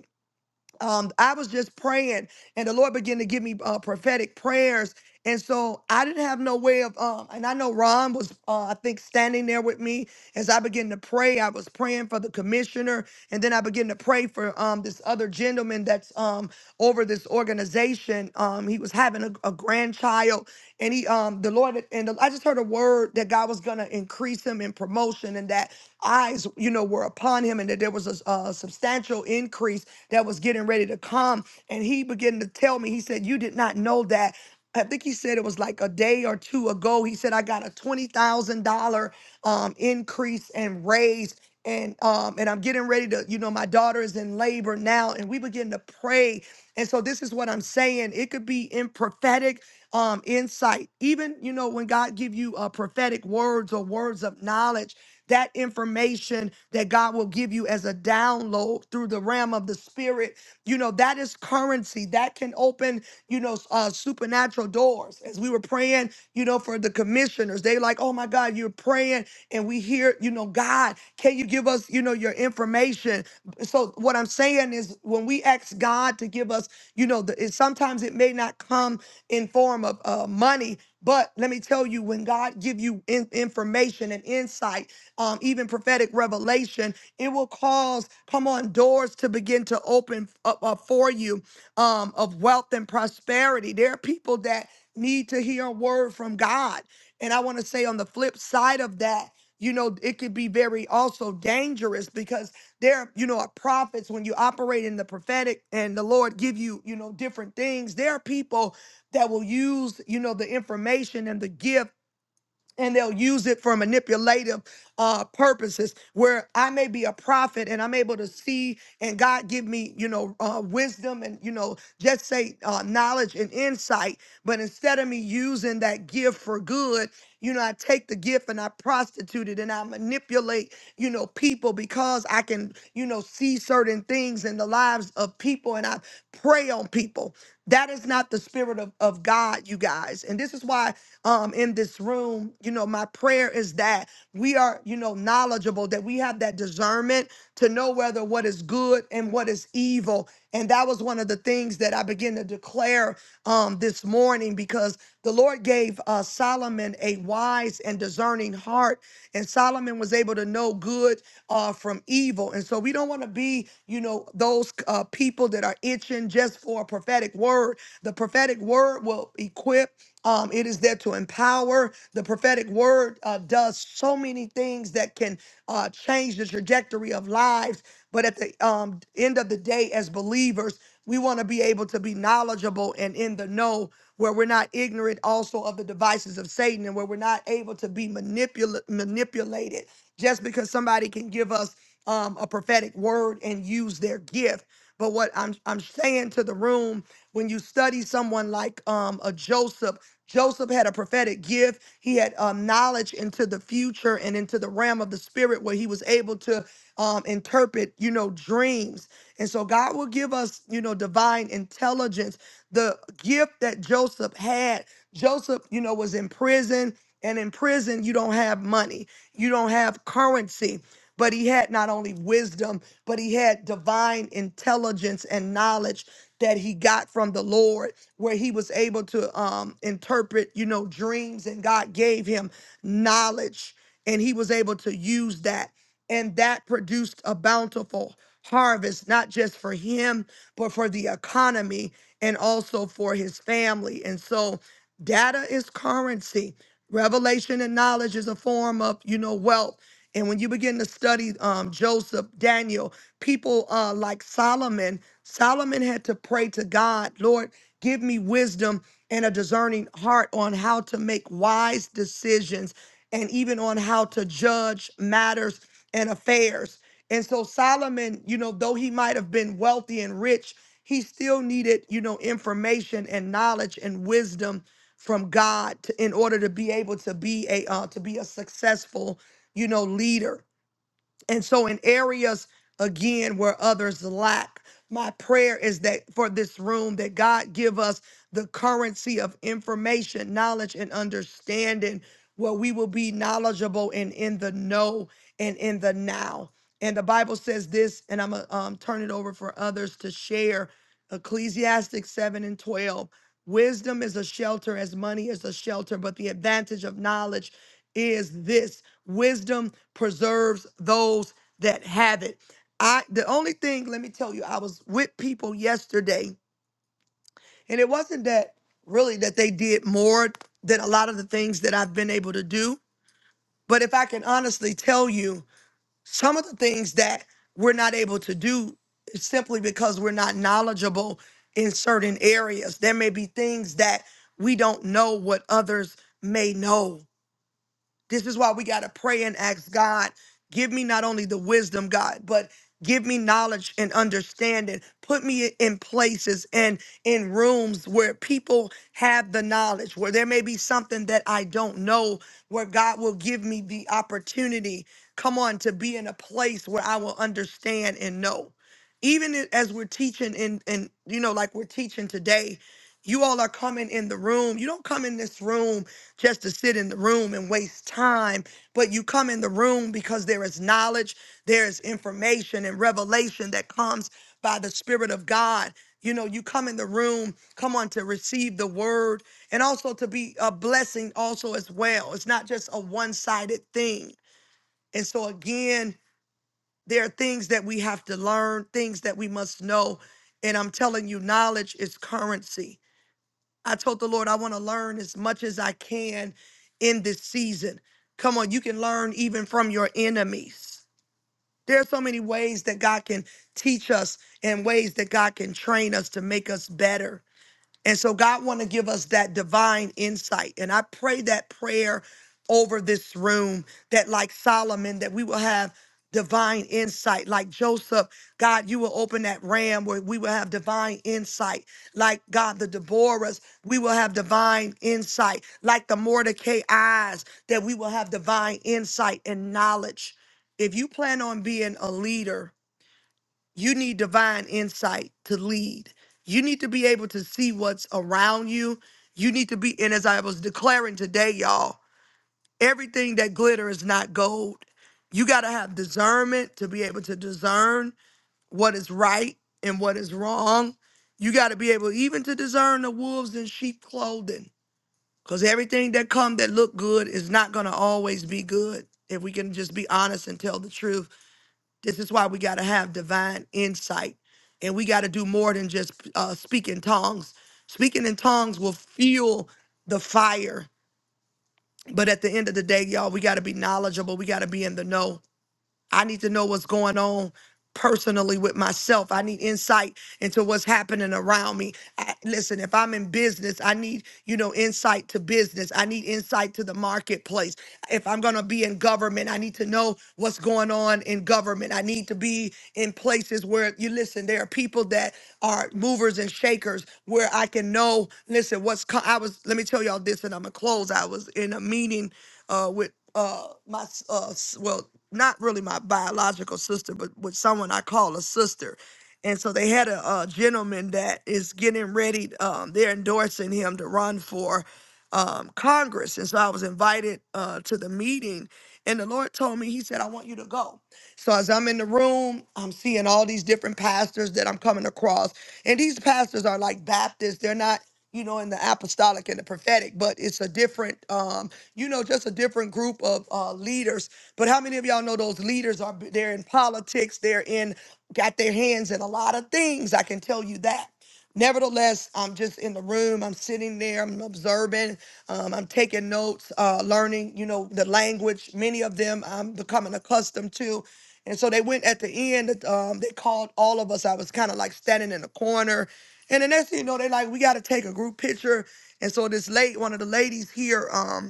A: um, I was just praying, and the Lord began to give me uh, prophetic prayers. And so I didn't have no way of, um, and I know Ron was, uh, I think, standing there with me as I began to pray. I was praying for the commissioner, and then I began to pray for um, this other gentleman that's um, over this organization. Um, he was having a, a grandchild, and he um the Lord and the, I just heard a word that God was gonna increase him in promotion, and that eyes you know were upon him, and that there was a, s- a substantial increase that was getting ready to come. And he began to tell me, he said, "You did not know that." I think he said it was like a day or two ago. He said I got a twenty thousand dollar um increase and raise. And um and I'm getting ready to, you know, my daughter is in labor now, and we begin to pray. And so this is what I'm saying. It could be in prophetic um insight. Even, you know, when God give you uh prophetic words or words of knowledge, that information that God will give you as a download through the realm of the spirit, you know, that is currency. That can open you know, uh, supernatural doors. As we were praying, you know, for the commissioners, they like, oh my God, you're praying, and we hear, you know, God, can you give us, you know, your information? So what I'm saying is, when we ask God to give us, you know, the, it, sometimes it may not come in form of uh, money, but let me tell you, when God give you in- information and insight, um, even prophetic revelation, it will cause, come on, doors to begin to open up uh, for you um, of wealth and prosperity. There are people that need to hear a word from God. And I want to say on the flip side of that, you know, it could be very also dangerous because there, you know, are prophets when you operate in the prophetic and the Lord give you, you know, different things. There are people that will use, you know, the information and the gift and they'll use it for manipulative uh purposes where i may be a prophet and i'm able to see and god give me you know uh wisdom and you know just say uh knowledge and insight but instead of me using that gift for good you know i take the gift and i prostitute it and i manipulate you know people because i can you know see certain things in the lives of people and i prey on people that is not the spirit of, of God, you guys. And this is why um in this room, you know, my prayer is that we are, you know, knowledgeable, that we have that discernment to know whether what is good and what is evil. And that was one of the things that I began to declare um this morning because the Lord gave uh Solomon a wise and discerning heart, and Solomon was able to know good uh from evil. And so we don't want to be, you know, those uh people that are itching isn't just for a prophetic word. The prophetic word will equip. Um, it is there to empower. The prophetic word uh, does so many things that can uh, change the trajectory of lives. But at the um, end of the day, as believers, we want to be able to be knowledgeable and in the know where we're not ignorant also of the devices of Satan and where we're not able to be manipula- manipulated just because somebody can give us um, a prophetic word and use their gift. But what I'm I'm saying to the room, when you study someone like um a Joseph, Joseph had a prophetic gift. He had um, knowledge into the future and into the realm of the spirit, where he was able to um, interpret, you know, dreams. And so God will give us, you know, divine intelligence. The gift that Joseph had, Joseph, you know, was in prison. And in prison, you don't have money, you don't have currency but he had not only wisdom, but he had divine intelligence and knowledge that he got from the Lord, where he was able to um, interpret, you know, dreams, and God gave him knowledge, and he was able to use that, and that produced a bountiful harvest, not just for him, but for the economy and also for his family. And so, data is currency. Revelation and knowledge is a form of, you know, wealth and when you begin to study um, Joseph, Daniel, people uh, like Solomon, Solomon had to pray to God, Lord, give me wisdom and a discerning heart on how to make wise decisions and even on how to judge matters and affairs. And so Solomon, you know, though he might have been wealthy and rich, he still needed, you know, information and knowledge and wisdom from God to, in order to be able to be a uh, to be a successful you know, leader. And so, in areas again where others lack, my prayer is that for this room, that God give us the currency of information, knowledge, and understanding, where we will be knowledgeable and in the know and in the now. And the Bible says this, and I'm gonna um, turn it over for others to share. Ecclesiastic 7 and 12. Wisdom is a shelter as money is a shelter, but the advantage of knowledge is this wisdom preserves those that have it. I the only thing, let me tell you, I was with people yesterday, and it wasn't that really that they did more than a lot of the things that I've been able to do. But if I can honestly tell you, some of the things that we're not able to do is simply because we're not knowledgeable in certain areas. There may be things that we don't know what others may know. This is why we got to pray and ask God, give me not only the wisdom, God, but give me knowledge and understanding. Put me in places and in rooms where people have the knowledge, where there may be something that I don't know, where God will give me the opportunity, come on, to be in a place where I will understand and know. Even as we're teaching in and you know like we're teaching today you all are coming in the room. You don't come in this room just to sit in the room and waste time, but you come in the room because there is knowledge, there is information and revelation that comes by the Spirit of God. You know, you come in the room, come on to receive the word and also to be a blessing, also as well. It's not just a one sided thing. And so, again, there are things that we have to learn, things that we must know. And I'm telling you, knowledge is currency I told the Lord, I want to learn as much as I can in this season. Come on, you can learn even from your enemies. There are so many ways that God can teach us and ways that God can train us to make us better. And so God want to give us that divine insight. And I pray that prayer over this room that like Solomon that we will have divine insight like Joseph God you will open that ram where we will have divine insight like God the Deborahs we will have divine insight like the Mordecai eyes that we will have divine insight and knowledge if you plan on being a leader you need divine insight to lead. You need to be able to see what's around you. You need to be, and as I was declaring today, y'all, everything that glitter is not gold. You got to have discernment to be able to discern what is right and what is wrong. You got to be able even to discern the wolves in sheep clothing because everything that come that look good is not going to always be good if we can just be honest and tell the truth this is why we got to have divine insight and we got to do more than just uh, speak in tongues. Speaking in tongues will fuel the fire. But at the end of the day, y'all, we got to be knowledgeable. We got to be in the know. I need to know what's going on personally with myself. I need insight into what's happening around me. I, listen, if I'm in business, I need, you know, insight to business. I need insight to the marketplace. If I'm going to be in government, I need to know what's going on in government. I need to be in places where you listen, there are people that are movers and shakers where I can know, listen, what's, co- I was, let me tell y'all this and I'm going to close. I was in a meeting uh, with uh, my, s- uh, s- well, not really my biological sister, but with someone I call a sister and so they had a, uh gentleman that is getting ready. Um, they're endorsing him to run for um, Congress. And so I was invited uh, to the meeting, and the Lord told me, He said, I want you to go. So as I'm in the room, I'm seeing all these different pastors that I'm coming across. And these pastors are like Baptists. They're not, you know, in the apostolic and the prophetic, but it's a different um, you know, just a different group of uh leaders. But how many of y'all know those leaders are they're in politics, they're in got their hands in a lot of things. I can tell you that. Nevertheless, I'm just in the room. I'm sitting there. I'm observing. Um, I'm taking notes, uh, learning, you know, the language. Many of them I'm becoming accustomed to. And so they went at the end, um, they called all of us. I was kind of like standing in the corner. And the next thing you know, they like, we got to take a group picture. And so this late, one of the ladies here, um,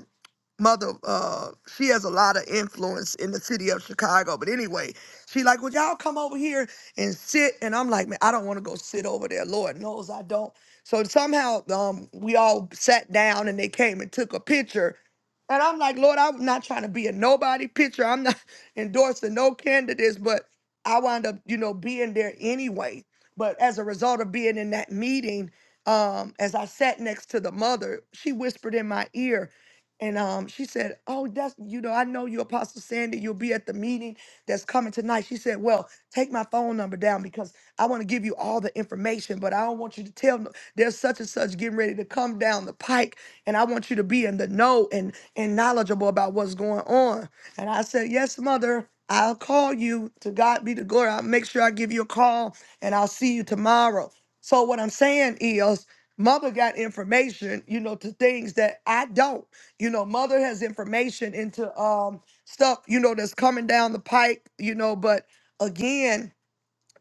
A: mother uh she has a lot of influence in the city of chicago but anyway she like would y'all come over here and sit and i'm like man i don't want to go sit over there lord knows i don't so somehow um we all sat down and they came and took a picture and i'm like lord i'm not trying to be a nobody picture i'm not *laughs* endorsing no candidates but i wound up you know being there anyway but as a result of being in that meeting um as i sat next to the mother she whispered in my ear and um, she said, "Oh, that's you know, I know you, Apostle Sandy. You'll be at the meeting that's coming tonight." She said, "Well, take my phone number down because I want to give you all the information, but I don't want you to tell no- there's such and such getting ready to come down the pike, and I want you to be in the know and and knowledgeable about what's going on." And I said, "Yes, mother." I'll call you to God be the glory. I'll make sure I give you a call and I'll see you tomorrow. So, what I'm saying is, mother got information, you know, to things that I don't. You know, mother has information into um stuff, you know, that's coming down the pike, you know, but again,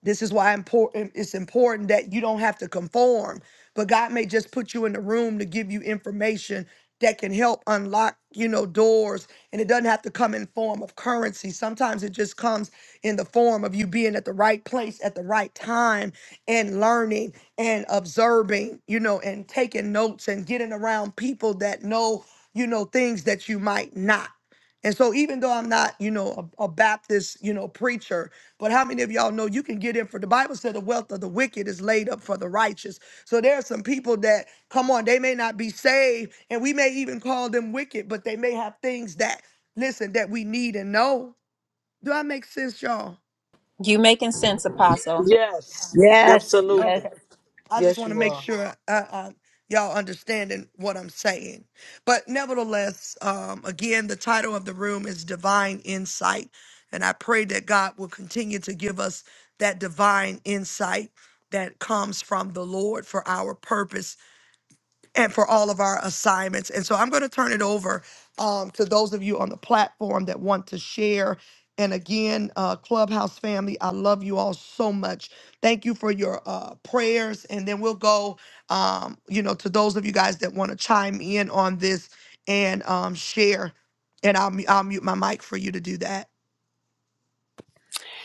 A: this is why important it's important that you don't have to conform, but God may just put you in the room to give you information that can help unlock, you know, doors. And it doesn't have to come in form of currency. Sometimes it just comes in the form of you being at the right place at the right time and learning and observing, you know, and taking notes and getting around people that know, you know, things that you might not. And so even though I'm not, you know, a, a Baptist, you know, preacher, but how many of y'all know you can get in for the Bible said the wealth of the wicked is laid up for the righteous. So there are some people that come on, they may not be saved, and we may even call them wicked, but they may have things that listen that we need and know. Do I make sense, y'all?
F: You making sense, Apostle?
G: Yes,
B: Yes, yes.
G: absolutely.
A: Okay. I just
G: Yes,
A: want to
G: you
A: make
G: are.
A: sure uh, um, y'all understanding what I'm saying. But nevertheless, um, again, the title of the room is Divine Insight. And I pray that God will continue to give us that divine insight that comes from the Lord for our purpose and for all of our assignments. And so I'm going to turn it over um, to those of you on the platform that want to share. And again, uh, Clubhouse family, I love you all so much. Thank you for your uh, prayers. And then we'll go, um, you know, to those of you guys that want to chime in on this and um, share. And I'll, mu- I'll mute my mic for you to do that.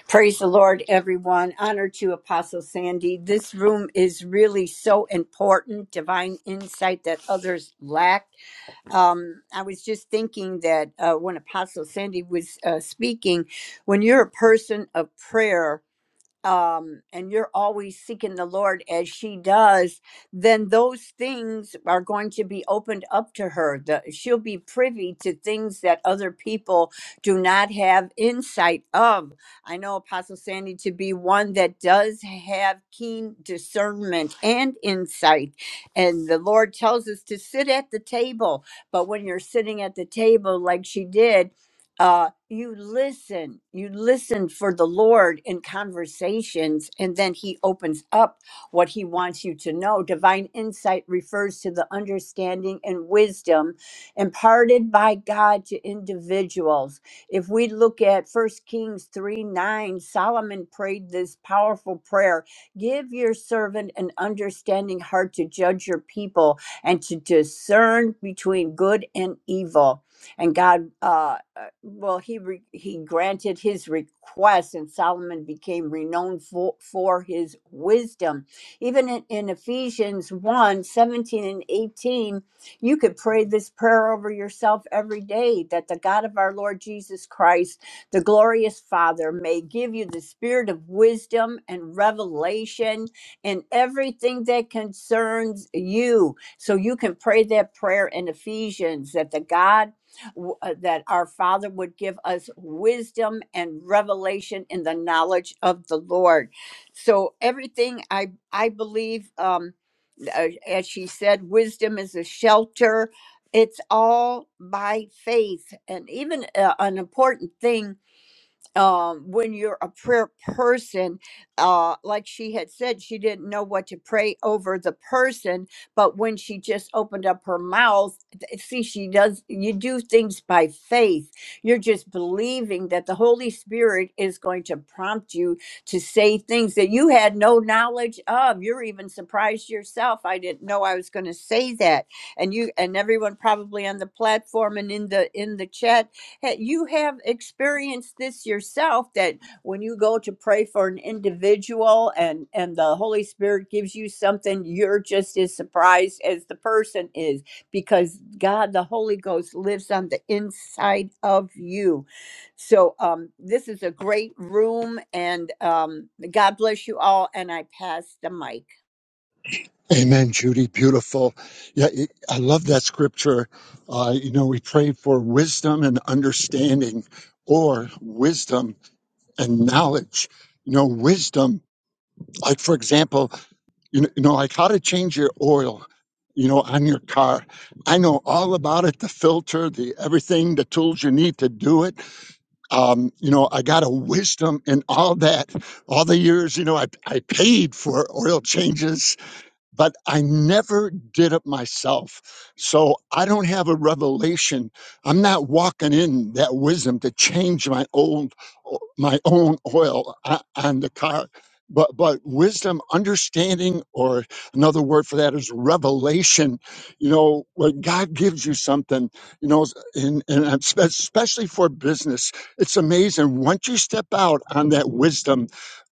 B: Praise the Lord, everyone. Honor to Apostle Sandy. This room is really so important, divine insight that others lack. Um, I was just thinking that uh, when Apostle Sandy was uh, speaking, when you're a person of prayer, um, and you're always seeking the Lord as she does, then those things are going to be opened up to her. The, she'll be privy to things that other people do not have insight of. I know Apostle Sandy to be one that does have keen discernment and insight. And the Lord tells us to sit at the table. But when you're sitting at the table, like she did, uh, you listen, you listen for the Lord in conversations, and then He opens up what He wants you to know. Divine insight refers to the understanding and wisdom imparted by God to individuals. If we look at First Kings 3 9, Solomon prayed this powerful prayer Give your servant an understanding heart to judge your people and to discern between good and evil and God, uh, uh, well, he re- he granted his request, and Solomon became renowned for, for his wisdom. Even in, in Ephesians one 17 and 18, you could pray this prayer over yourself every day that the God of our Lord Jesus Christ, the glorious Father, may give you the spirit of wisdom and revelation in everything that concerns you. So you can pray that prayer in Ephesians that the God w- uh, that our Father would give us wisdom and revelation in the knowledge of the Lord. So everything I I believe, um, uh, as she said, wisdom is a shelter. It's all by faith, and even uh, an important thing um, when you're a prayer person, uh, like she had said, she didn't know what to pray over the person, but when she just opened up her mouth, th- see, she does, you do things by faith. You're just believing that the Holy Spirit is going to prompt you to say things that you had no knowledge of. You're even surprised yourself. I didn't know I was going to say that. And you, and everyone probably on the platform and in the, in the chat ha- you have experienced this yourself that when you go to pray for an individual and and the holy spirit gives you something you're just as surprised as the person is because god the holy ghost lives on the inside of you so um this is a great room and um god bless you all and i pass the mic
D: Amen, Judy. Beautiful. Yeah, it- I love that scripture. Uh, you know, we pray for wisdom and understanding, or wisdom and knowledge. You know, wisdom, like for example, you know, you know, like how to change your oil, you know, on your car. I know all about it, the filter, the everything, the tools you need to do it um, you know, I got a wisdom in all that, all the years, you know, I, I paid for oil changes but I never did it myself. So I don't have a revelation. I'm not walking in that wisdom to change my old, my own oil o- on the car. But, but wisdom, understanding, or another word for that is revelation. You know, when God gives you something, you know, and, and I'm spe- especially for business, it's amazing. Once you step out on that wisdom,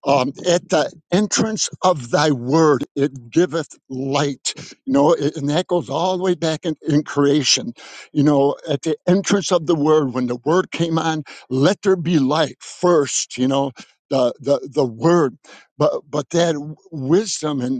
D: um, at the entrance of thy word it giveth light you know it, and that goes all the way back in, in creation you know at the entrance of the word when the word came on let there be light first you know the the, the word but but that w- wisdom and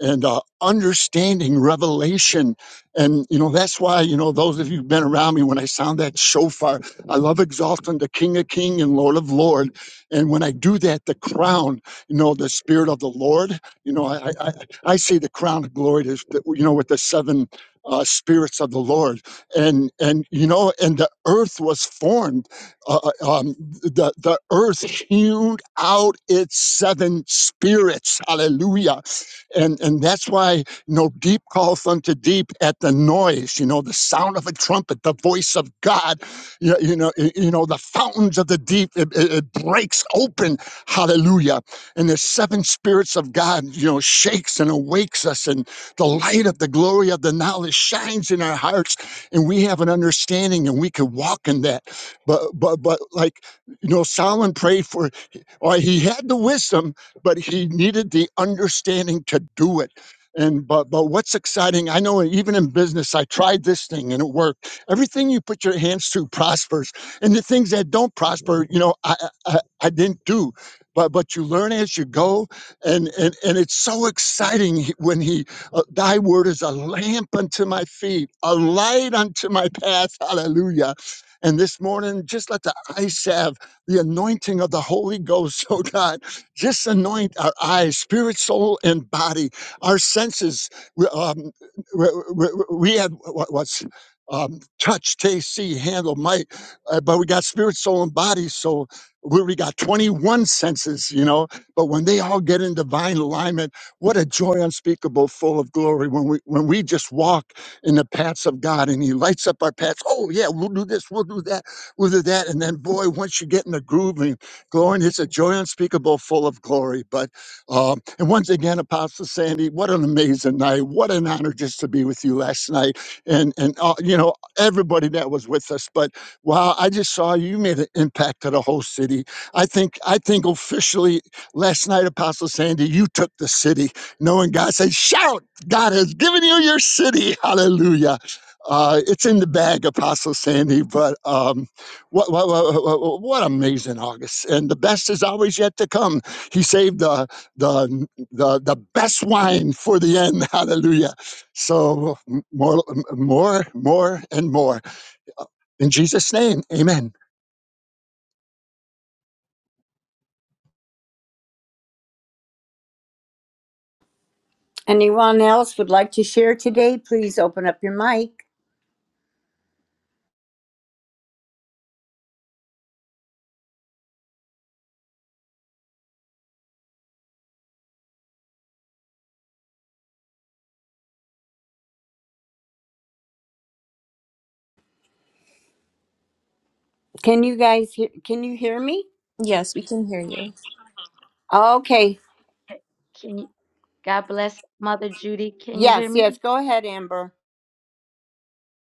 D: and uh, understanding revelation. And, you know, that's why, you know, those of you who've been around me, when I sound that shofar, I love exalting the King of King and Lord of Lord. And when I do that, the crown, you know, the Spirit of the Lord, you know, I, I, I I say the crown of glory is, the, you know, with the seven uh, spirits of the Lord. And, and, you know, and the earth was formed. Uh, uh, um, the, the earth hewed out its seven spirits. Hallelujah and and that's why you know deep calls unto deep at the noise you know the sound of a trumpet the voice of god you, you know y- you know the fountains of the deep it, it, it breaks open hallelujah and the seven spirits of god you know shakes and awakes us and the light of the glory of the knowledge shines in our hearts and we have an understanding and we can walk in that but but but like you know solomon prayed for or he had the wisdom but he needed the understanding to do it. And but but what's exciting, I know even in business, I tried this thing and it worked. Everything you put your hands to prospers, and the things that don't prosper, you know, I I, I didn't do. But but you learn as you go, and and and it's so exciting he- when he, uh, Thy word is a lamp unto my feet, a light unto my path. Hallelujah. And this morning, just let the ice have the anointing of the Holy Ghost, *laughs* oh God just anoint our eyes, spirit, soul, and body, our senses. We, um, we, we, we have what, what's um, touch, taste, see, handle, might, uh, but we got spirit, soul, and body. So we, we got 21 senses, you know. But when they all get in divine alignment, what a joy unspeakable, full of glory. When we when we just walk in the paths of God and He lights up our paths. Oh yeah, we'll do this, we'll do that, we'll do that, and then boy, once you get in the groove Glory, it's a joy unspeakable, full of glory. But um, and once again, Apostle Sandy, what an amazing night! What an honor just to be with you last night, and and uh, you know everybody that was with us. But wow, I just saw you made an impact to the whole city. I think I think officially last night, Apostle Sandy, you took the city, knowing God said, "Shout! God has given you your city." Hallelujah. Uh, it's in the bag, Apostle Sandy, but. Um, what, what, what, what amazing August. And the best is always yet to come. He saved the, the, the, the best wine for the end. *laughs* Hallelujah. So m- more, m- more, more and more. In Jesus' name, amen.
B: anyone else would like to share today please open up your mic can you guys hear, can you hear me
F: Yes, we can hear you.
B: okay
H: Okay, Can you, God bless Mother Judy. Can you hear
B: Yes,
H: me?
B: yes. Go ahead, Amber.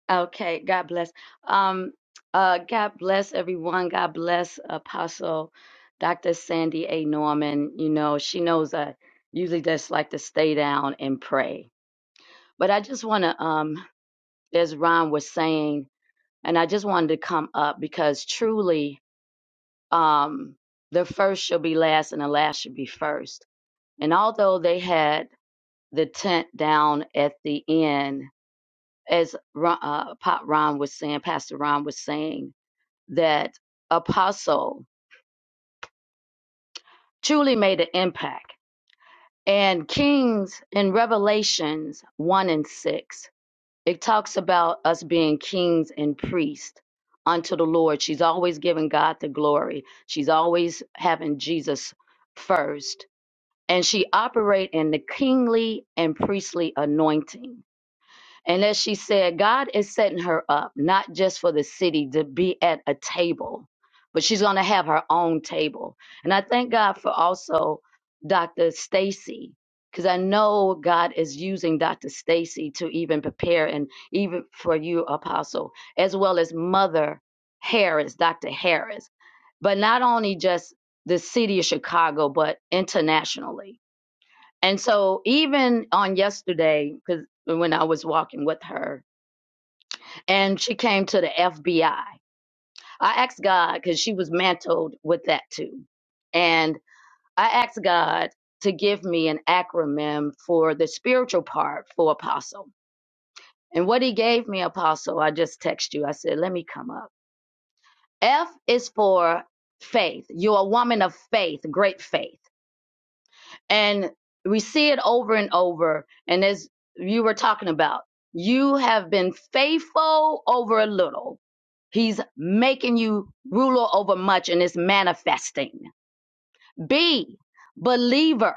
H: Okay, God bless. Um, uh, God bless everyone. God bless Apostle Dr. Sandy A. Norman. You know, she knows I usually just like to stay down and pray. But I just want to, um, as Ron was saying, and I just wanted to come up because truly, um, the first shall be last and the last shall be first. And although they had the tent down at the end, as Ron, uh, Ron was saying, Pastor Ron was saying, that Apostle truly made an impact. And Kings in Revelations 1 and 6, it talks about us being kings and priests unto the Lord. She's always giving God the glory, she's always having Jesus first. And she operate in the kingly and priestly anointing And as she said, God is setting her up, not just for the city to be at a table, but she's going to have her own table. And I thank God for also Dr. Stacy, because I know God is using Dr. Stacy to even prepare and even for you, Apostle, as well as Mother Harris, Dr. Harris, but not only just the city of Chicago, but internationally and so even on yesterday, because when I was walking with her, and she came to the FBI, I I asked God because she was mantled with that too, and I asked God to give me an acronym for the spiritual part for apostle. And what He gave me, apostle, I just text you. I said, let me come up. F is for faith. You're a woman of faith, great faith. and we see it over and over. And as you were talking about, you have been faithful over a little. He's making you ruler over much and it's manifesting. B, believer.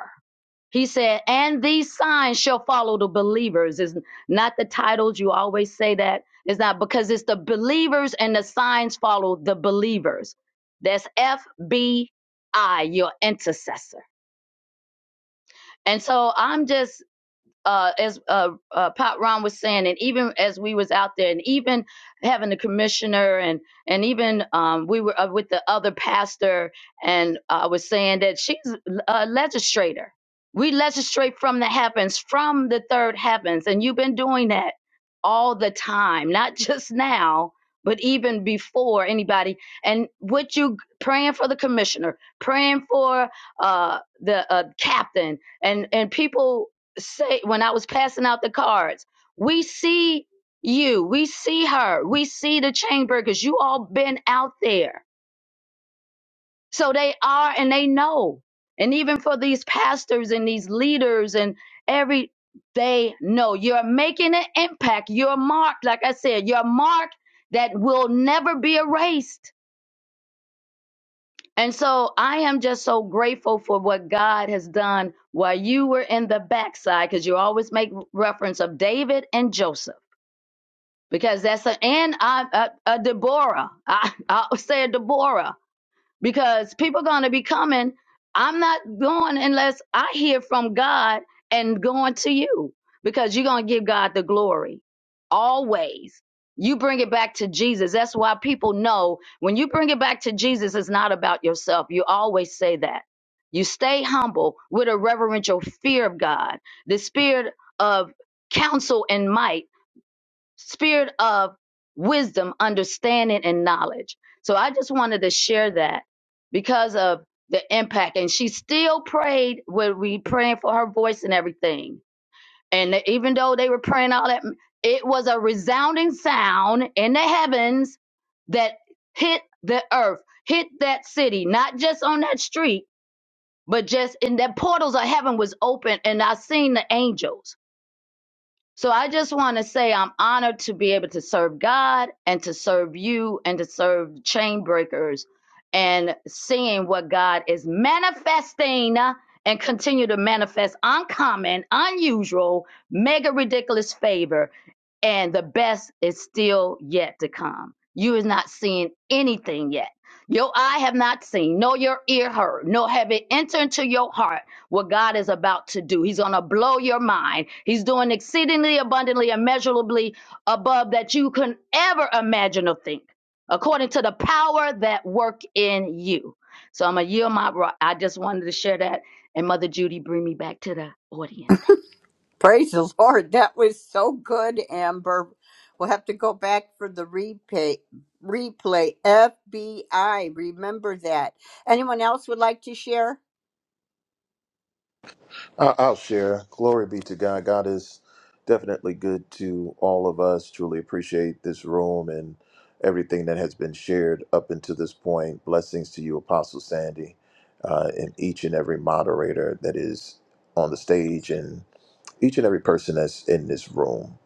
H: He said, and these signs shall follow the believers. It's not the titles. You always say that. It's not because it's the believers and the signs follow the believers. That's F B I, your intercessor. And so I'm just uh, as uh, uh, Pop Ron was saying, and even as we was out there, and even having the commissioner, and and even um, we were uh, with the other pastor, and I was saying that she's a legislator. We legislate from the heavens, from the third heavens, and you've been doing that all the time, not *laughs* just now, but even before anybody. And what you praying for the commissioner, praying for uh, the uh, captain, and and people say when I was passing out the cards, we see you, we see her, we see the chain breakers. You all been out there. So they are and they know. And even for these pastors and these leaders and every they know you're making an impact. You're marked, like I said, you're marked that will never be erased. And so I am just so grateful for what God has done while you were in the backside, because you always make reference of David and Joseph because that's a and I, a, a Deborah. I *laughs* I say a Deborah because people gonna be coming. I'm not going unless I hear from God and going to you because you're gonna give God the glory always. You bring it back to Jesus. That's why people know when you bring it back to Jesus, it's not about yourself. You always say that. You stay humble with a reverential fear of God, the spirit of counsel and might spirit of wisdom, understanding, and knowledge. So I just wanted to share that because of the impact. And she still prayed when we praying for her voice and everything. And even though they were praying all that, it was a resounding sound in the heavens that hit the earth, hit that city, not just on that street, but just in that portals of heaven was open. And I seen the angels. So I just want to say I'm honored to be able to serve God and to serve you and to serve chain breakers and seeing what God is manifesting uh, and continue to manifest uncommon, unusual, mega ridiculous favor. And the best is still yet to come. You is not seeing anything yet. Your eye have not seen, nor your ear heard, nor have it entered into your heart what God is about to do. He's going to blow your mind. He's doing exceedingly abundantly, immeasurably above that you can ever imagine or think, according to the power that work in you. So I'm going to yield my. ri- I just wanted to share that. And Mother Judy, bring me back to the audience.
B: Praise the Lord. *laughs* That was so good, Amber. We'll have to go back for the replay. Replay FBI. Remember that. Anyone else would like to share?
I: I- I'll share. Glory be to God. God is definitely good to all of us. Truly appreciate this room and everything that has been shared up until this point. Blessings to you, Apostle Sandy, uh, and each and every moderator that is on the stage and each and every person that's in this room.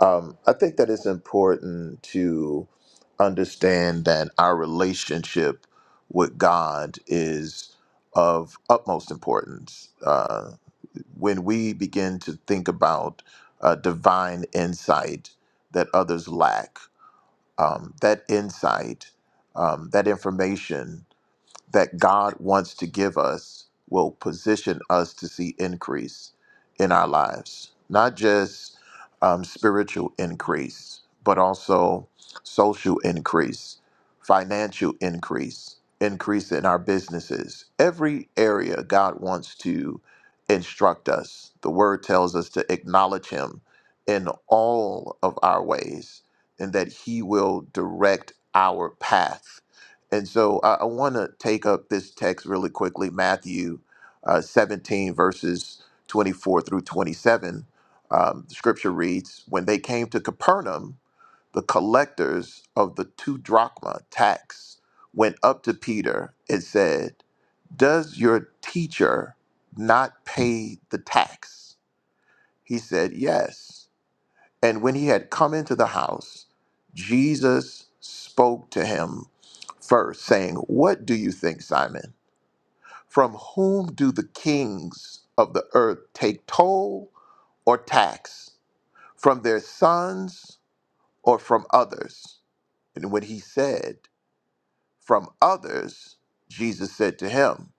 I: Um, I think that it's important to understand that our relationship with God is of utmost importance. Uh, when we begin to think about uh, divine insight that others lack, um, that insight, um, that information that God wants to give us will position us to see increase in our lives, not just um, spiritual increase, but also social increase, financial increase, increase in our businesses. Every area God wants to instruct us. The word tells us to acknowledge Him in all of our ways and that He will direct our path and so I, I want to take up this text really quickly Matthew uh, 17, verses 24 through 27. Um, the scripture reads When they came to Capernaum, the collectors of the two drachma tax went up to Peter and said, Does your teacher not pay the tax? He said, Yes. And when he had come into the house, Jesus spoke to him first, saying, What do you think, Simon? From whom do the kings of the earth take toll or tax? From their sons or from others? And when he said, From others, Jesus said to him,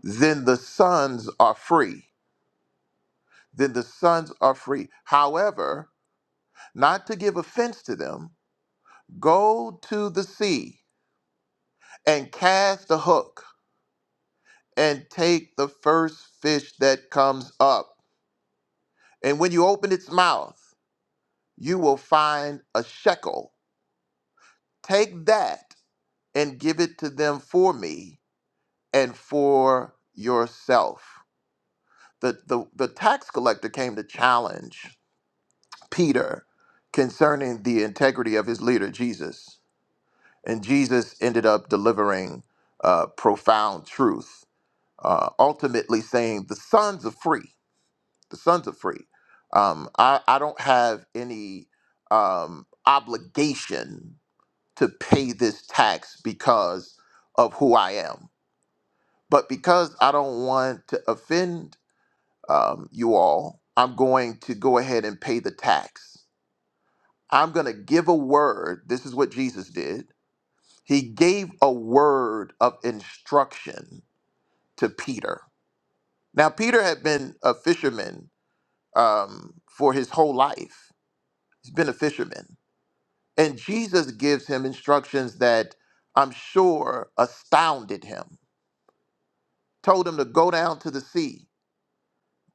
I: Then the sons are free. Then the sons are free. However, not to give offense to them, go to the sea and cast the hook and take the first fish that comes up. And when you open its mouth, you will find a shekel. Take that and give it to them for me and for yourself. The, the, the tax collector came to challenge Peter concerning the integrity of his leader, Jesus. And Jesus ended up delivering uh, profound truth, uh, ultimately saying, The sons are free the sons are free. Um, I, I don't have any um, obligation to pay this tax because of who I am. But because I don't want to offend um, you all, I'm going to go ahead and pay the tax. I'm going to give a word. This is what Jesus did. He gave a word of instruction to Peter. Now, Peter had been a fisherman um, for his whole life, he's been a fisherman And Jesus gives him instructions that I'm sure astounded him. Told him to go down to the sea,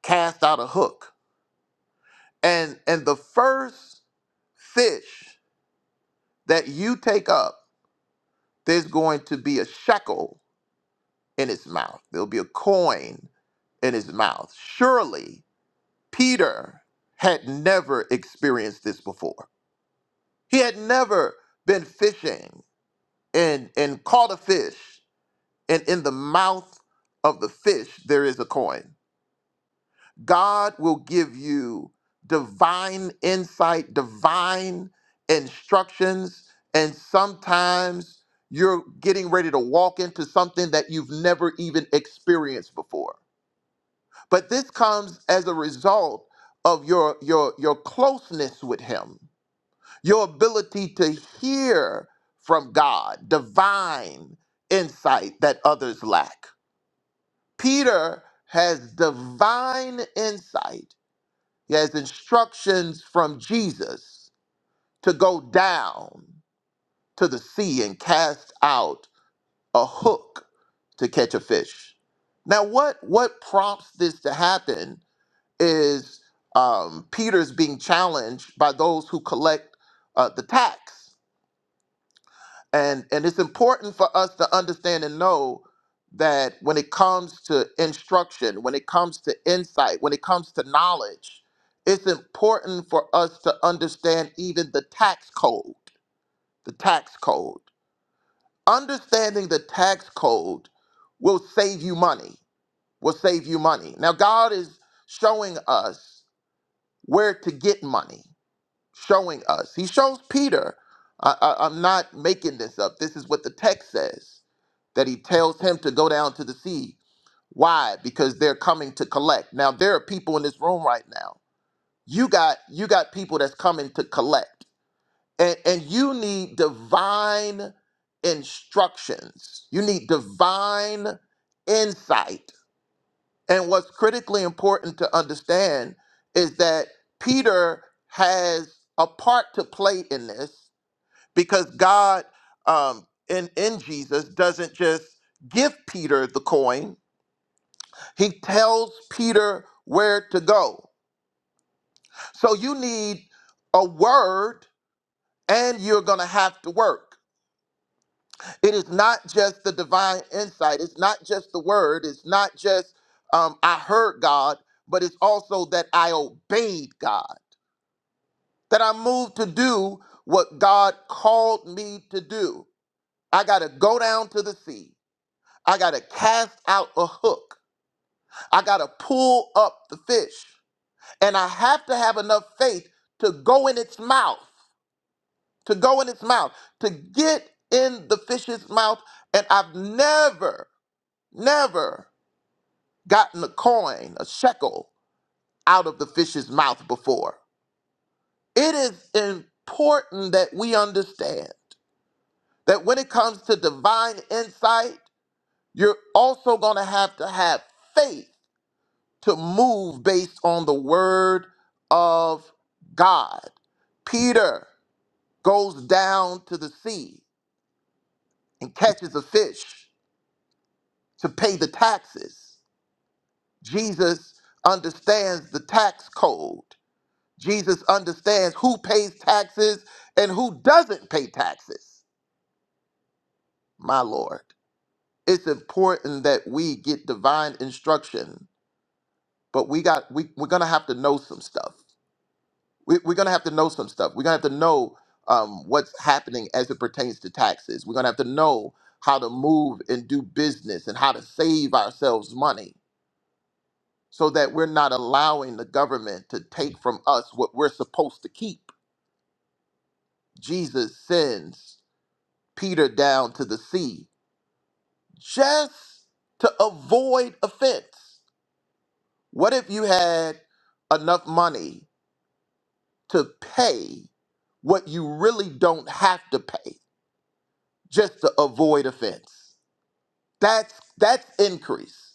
I: cast out a hook. And and the first fish that you take up, there's going to be a shekel in his mouth. There'll be a coin in his mouth. Surely Peter had never experienced this before. He had never been fishing and and caught a fish and in the mouth of the fish there is a coin. God will give you divine insight, divine instructions, and sometimes you're getting ready to walk into something that you've never even experienced before. But this comes as a result of your your your closeness with him. Your ability to hear from God, divine insight that others lack Peter has divine insight. He has instructions from Jesus to go down to the sea and cast out a hook to catch a fish. Now, what, what prompts this to happen is um, Peter's being challenged by those who collect uh, the tax. and and it's important for us to understand and know that when it comes to instruction when it comes to insight when it comes to knowledge it's important for us to understand even the tax code the tax code understanding the tax code will save you money will save you money now god is showing us where to get money showing us. He shows Peter, I, I, I'm not making this up. This is what the text says that he tells him to go down to the sea. Why? Because they're coming to collect. Now there are people in this room right now. You got you got people that's coming to collect. And and you need divine instructions. You need divine insight and what's critically important to understand is that Peter has a part to play in this because God um, in, in Jesus doesn't just give Peter the coin, he tells Peter where to go. So you need a word and you're going to have to work. It is not just the divine insight, it's not just the word, it's not just um, I heard God, but it's also that I obeyed God. that i moved to do what God called me to do. I got to go down to the sea. I got to cast out a hook. I got to pull up the fish. And I have to have enough faith to go in its mouth, to go in its mouth, to get in the fish's mouth. And I've never, never gotten a coin, a shekel out of the fish's mouth before. It is important that we understand. that when it comes to divine insight, you're also going to have to have faith to move based on the word of God. Peter goes down to the sea and catches a fish to pay the taxes. Jesus understands the tax code. Jesus understands who pays taxes and who doesn't pay taxes. My Lord, it's important that we get divine instruction but we got we we're gonna have to know some stuff. We, we're gonna have to know some stuff. We're gonna have to know um, what's happening as it pertains to taxes. We're gonna have to know how to move and do business and how to save ourselves money so that we're not allowing the government to take from us what we're supposed to keep. Jesus sends Peter down to the sea just to avoid offense. What if you had enough money to pay what you really don't have to pay just to avoid offense. That's that's increase.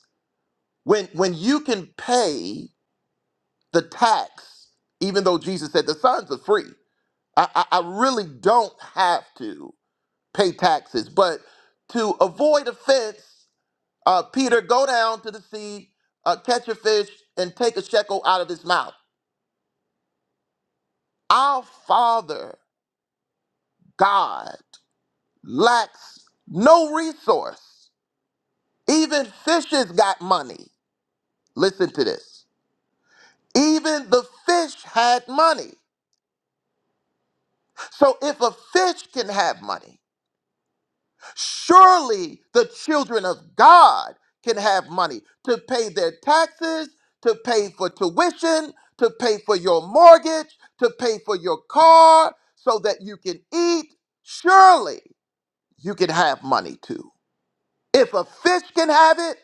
I: When when you can pay the tax, even though Jesus said the sons are free, I, I, I really don't have to pay taxes. But to avoid offense, uh, Peter, go down to the sea, uh, catch a fish, and take a shekel out of his mouth. Our Father God lacks no resource. Even fishes got money. Listen to this. Even the fish had money. So if a fish can have money, surely the children of God can have money to pay their taxes, to pay for tuition, to pay for your mortgage, to pay for your car so that you can eat. Surely you can have money too. If a fish can have it,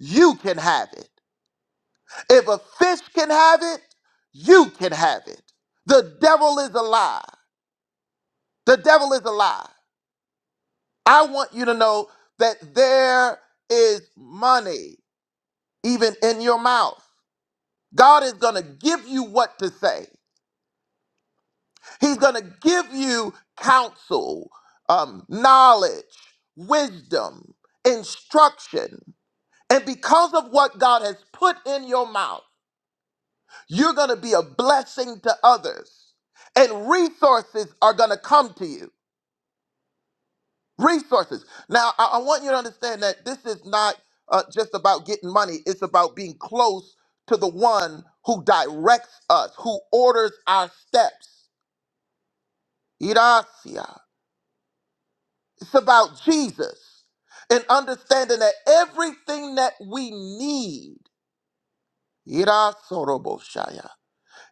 I: you can have it. If a fish can have it, you can have it. The devil is a lie. The devil is a lie. I want you to know that there is money even in your mouth. God is going to give you what to say, He's going to give you counsel, um, knowledge, wisdom, instruction. And because of what God has put in your mouth, You're going to be a blessing to others, and resources are going to come to you. Resources. Now, I, I want you to understand that this is not uh, just about getting money, it's about being close to the one who directs us, who orders our steps. Iracia. It's about Jesus and understanding that everything that we need, Irasoroboshaya,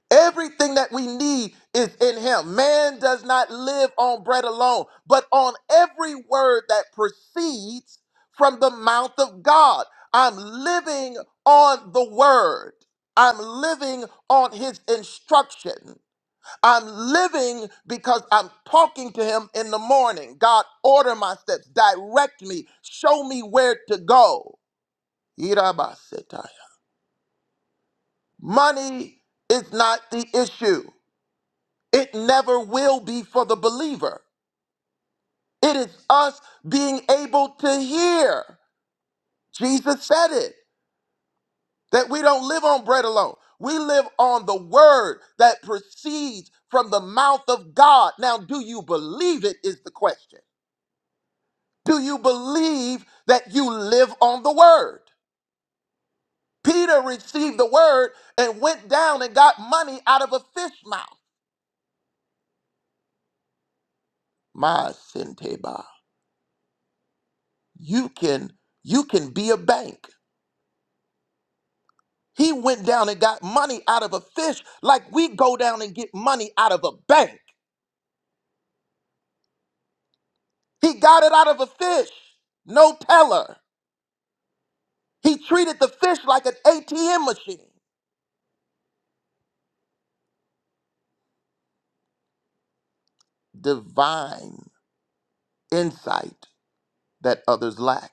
I: Everything that we need is in him. Man does not live on bread alone, but on every word that proceeds from the mouth of God. I'm living on the word. I'm living on his instruction. I'm living because I'm talking to him in the morning. God, order my steps, direct me, show me where to go. Money is not the issue. It never will be for the believer. It is us being able to hear. Jesus said it that we don't live on bread alone. We live on the word that proceeds from the mouth of God. Now, do you believe it? Is the question. Do you believe that you live on the word? Peter received the word and went down and got money out of a fish mouth. My senteba. You can you can be a bank. He went down and got money out of a fish like we go down and get money out of a bank. He got it out of a fish, no teller. He treated the fish like an ATM machine. Divine insight that others lack.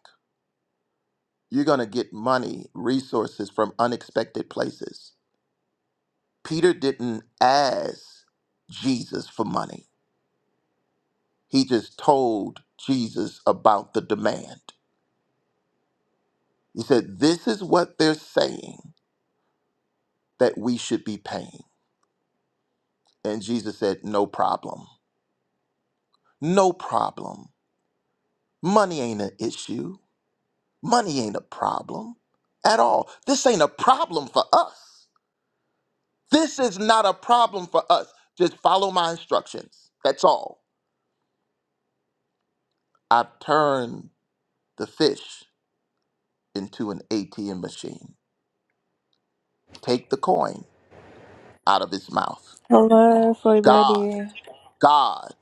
I: You're going to get money, resources from unexpected places. Peter didn't ask Jesus for money, he just told Jesus about the demand. He said, This is what they're saying. that we should be paying. And Jesus said, No problem. No problem. Money ain't an issue. Money ain't a problem at all. This ain't a problem for us. This is not a problem for us. Just follow my instructions. That's all. I've turned the fish into an ATM machine. Take the coin out of his mouth.
J: Hello
I: God,
J: everybody.
I: God,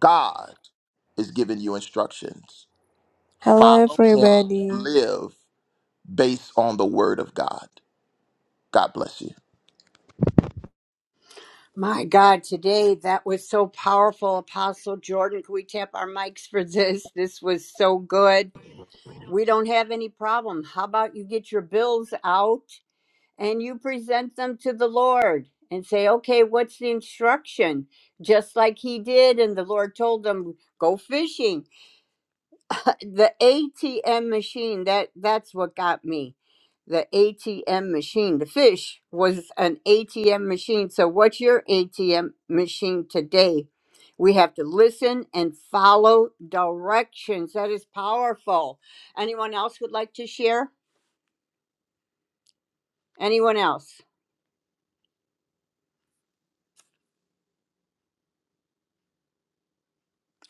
I: God is giving you instructions.
J: Hello
I: Follow him,
J: everybody.
I: live based on the word of God. God bless you.
B: My God, today that was so powerful, Apostle Jordan. Can we tap our mics for this? This was so good. We don't have any problem. How about you get your bills out? and you present them to the Lord and say, okay, what's the instruction? Just like he did, and the Lord told them, go fishing. *laughs* The ATM machine, that that's what got me. The ATM machine, the fish was an ATM machine. So what's your ATM machine today? We have to listen and follow directions. That is powerful. Anyone else would like to share? Anyone else?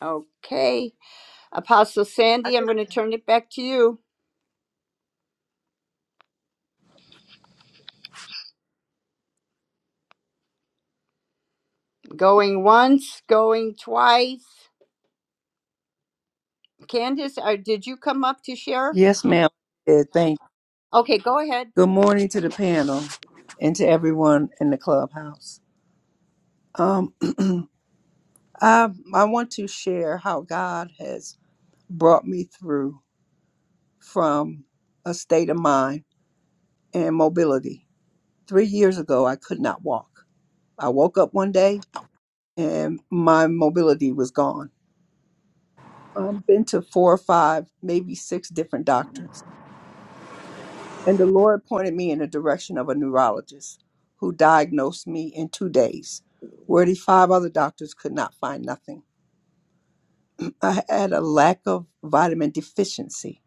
B: Okay.
K: came into the room, but
B: Apostle
K: I
B: Sandy, I'm
K: just
B: going to
K: came.
B: turn it back to you. Going once, going twice. Candace, uh, did you come up to share?
L: Yes, ma'am. Yeah, thank you.
B: Okay, go ahead.
L: Good morning to the panel and to everyone in the clubhouse. Um, *clears throat* I, I want to share how God has brought me through from a state of mind and mobility. Three years ago, I could not walk. I woke up one day and my mobility was gone. I've been to four or five, maybe six different doctors. And the Lord pointed me in the direction of a neurologist who diagnosed me in two days, where the five other doctors could not find nothing. I had a lack of vitamin deficiency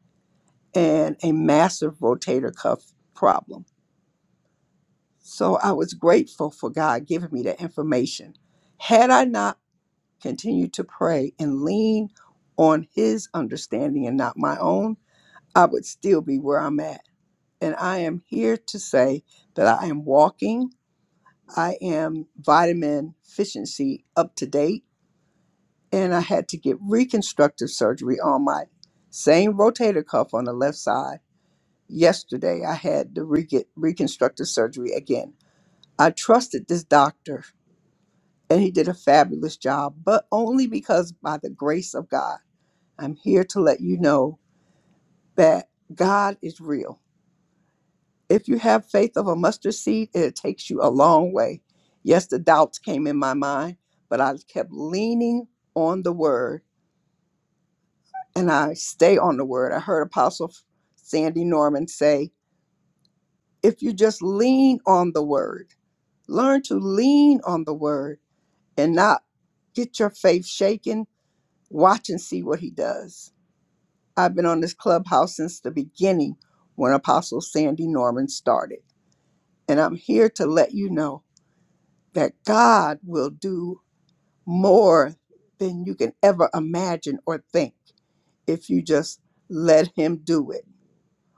L: and a massive rotator cuff problem. So I was grateful for God giving me that information. Had I not continued to pray and lean on His understanding and not my own, I would still be where I'm at. And I am here to say that I am walking I am vitamin deficiency up to date, and I had to get reconstructive surgery on my same rotator cuff on the left side. Yesterday, I had the re- get reconstructive surgery again. I trusted this doctor, and he did a fabulous job, but only because by the grace of God, I'm here to let you know that God is real. If you have faith of a mustard seed, it takes you a long way. Yes, the doubts came in my mind, but I kept leaning on the word and I stay on the word. I heard Apostle Sandy Norman say, if you just lean on the word, learn to lean on the word and not get your faith shaken, watch and see what he does. I've been on this clubhouse since the beginning when Apostle Sandy Norman started. And I'm here to let you know that God will do more than you can ever imagine or think if you just let Him do it.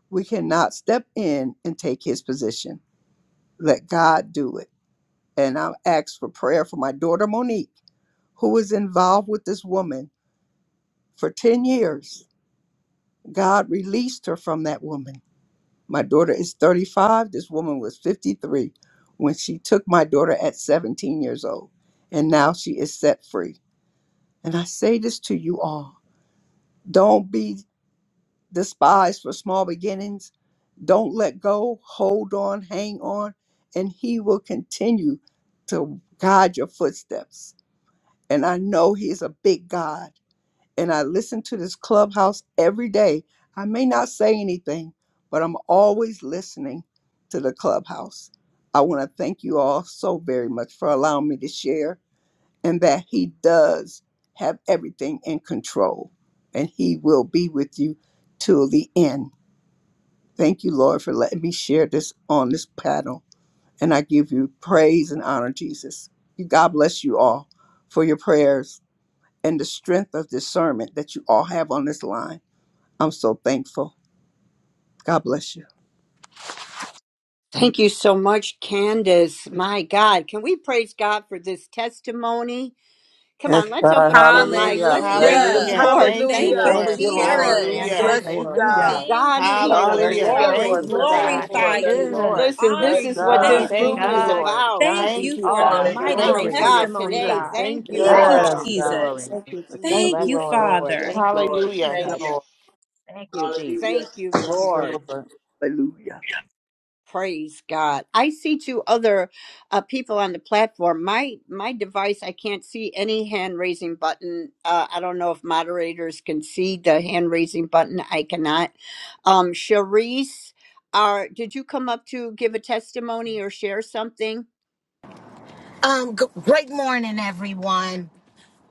L: We cannot step in and take His position. Let God do it. And I ask for prayer for my daughter Monique, who was involved with this woman for 10 years. God released her from that woman. My daughter is 35. This woman was 53 when she took my daughter at 17 years old. And now she is set free. And I say this to you all don't be despised for small beginnings. Don't let go. Hold on, hang on, and He will continue to guide your footsteps. And I know He's a big God. And I listen to this clubhouse every day. I may not say anything, but I'm always listening to the clubhouse. I want to thank you all so very much for allowing me to share and that He does have everything in control and He will be with you till the end. Thank you, Lord, for letting me share this on this panel. And I give you praise and honor, Jesus. God bless you all for your prayers and the strength of discernment that you all have on this line. I'm so thankful. God bless you.
B: Thank you so much, Candace. My God, can we praise God for this testimony? Come
C: Yes,
B: on, let's
C: God.
B: open up our mics.
C: Hallelujah.
B: Let's
C: Bless
B: praise the
C: her.
G: Yes,
B: *laughs*
F: Hallelujah.
M: Hallelujah.
B: Lord.
M: Thank you,
F: Thank
B: Thank
G: hallelujah.
B: you
F: you,
C: Thank
B: for
M: Lord.
H: Thank
C: you,
B: sharing,
H: you.
C: Lord.
H: Amen.
C: Thank you
F: Jesus.
M: Hallelujah.
B: Candace.
G: Bless
C: for
G: you,
C: her, God.
B: To
G: God.
H: Hallelujah.
F: Thank
B: God
F: you,
B: be the
F: Lord.
C: Bless the
M: Hallelujah.
H: Man,
F: Father,
N: Hallelujah.
F: we
M: Thank
C: Lord.
B: glory.
M: you,
C: Bless the
N: Thank
M: God.
N: you,
H: God is
F: glorify
C: Lord.
M: Thank
N: Jesus.
M: you,
F: you.
H: good.
F: We
M: Lord.
B: Listen,
F: honor
B: this
N: Yes,
C: Bless
B: is
F: you.
B: what
N: God.
C: God.
H: Glory
F: Thank
B: this
H: to
F: you,
M: Thank
B: room
M: you,
B: is
F: Lord.
H: God.
M: Lord.
H: To
B: about.
H: God
F: Thank
H: be
M: Thank
F: you
M: you,
F: for
H: all
F: the
M: God.
H: the
C: Yeah.
F: mighty
N: Hallelujah.
M: Thank
B: My
M: you for
H: glory.
M: your
B: God,
F: testimony,
B: today,
M: freedom.
F: God.
B: thank
M: Thank
H: To
M: you,
B: you,
F: Thank
N: Thank
H: God
F: you,
H: be
M: Lord.
B: Lord.
H: all
C: Yes,
N: you,
H: the
N: Jesus.
C: God.
F: Jesus.
H: glory.
C: Thank
H: It's
C: you,
H: such a
C: Jesus.
M: Thank
F: Thank
M: you,
F: you,
H: blessing,
M: Lord.
H: Lord.
N: Yes,
F: Father.
H: Thank you,
N: Lord.
M: Hallelujah.
C: Thank you,
N: Thank you.
H: Jesus.
C: Lord.
H: Thank you, Jesus.
N: Hallelujah.
B: Thank you, Lord.
L: Hallelujah.
B: Praise God. I see two other uh, people on the platform. My my device, I can't see any hand raising button. Uh, I don't know if moderators can see the hand raising button. I cannot. Um, Sharice, are did you come up to give a testimony or share something?
O: Um, g- great morning, everyone.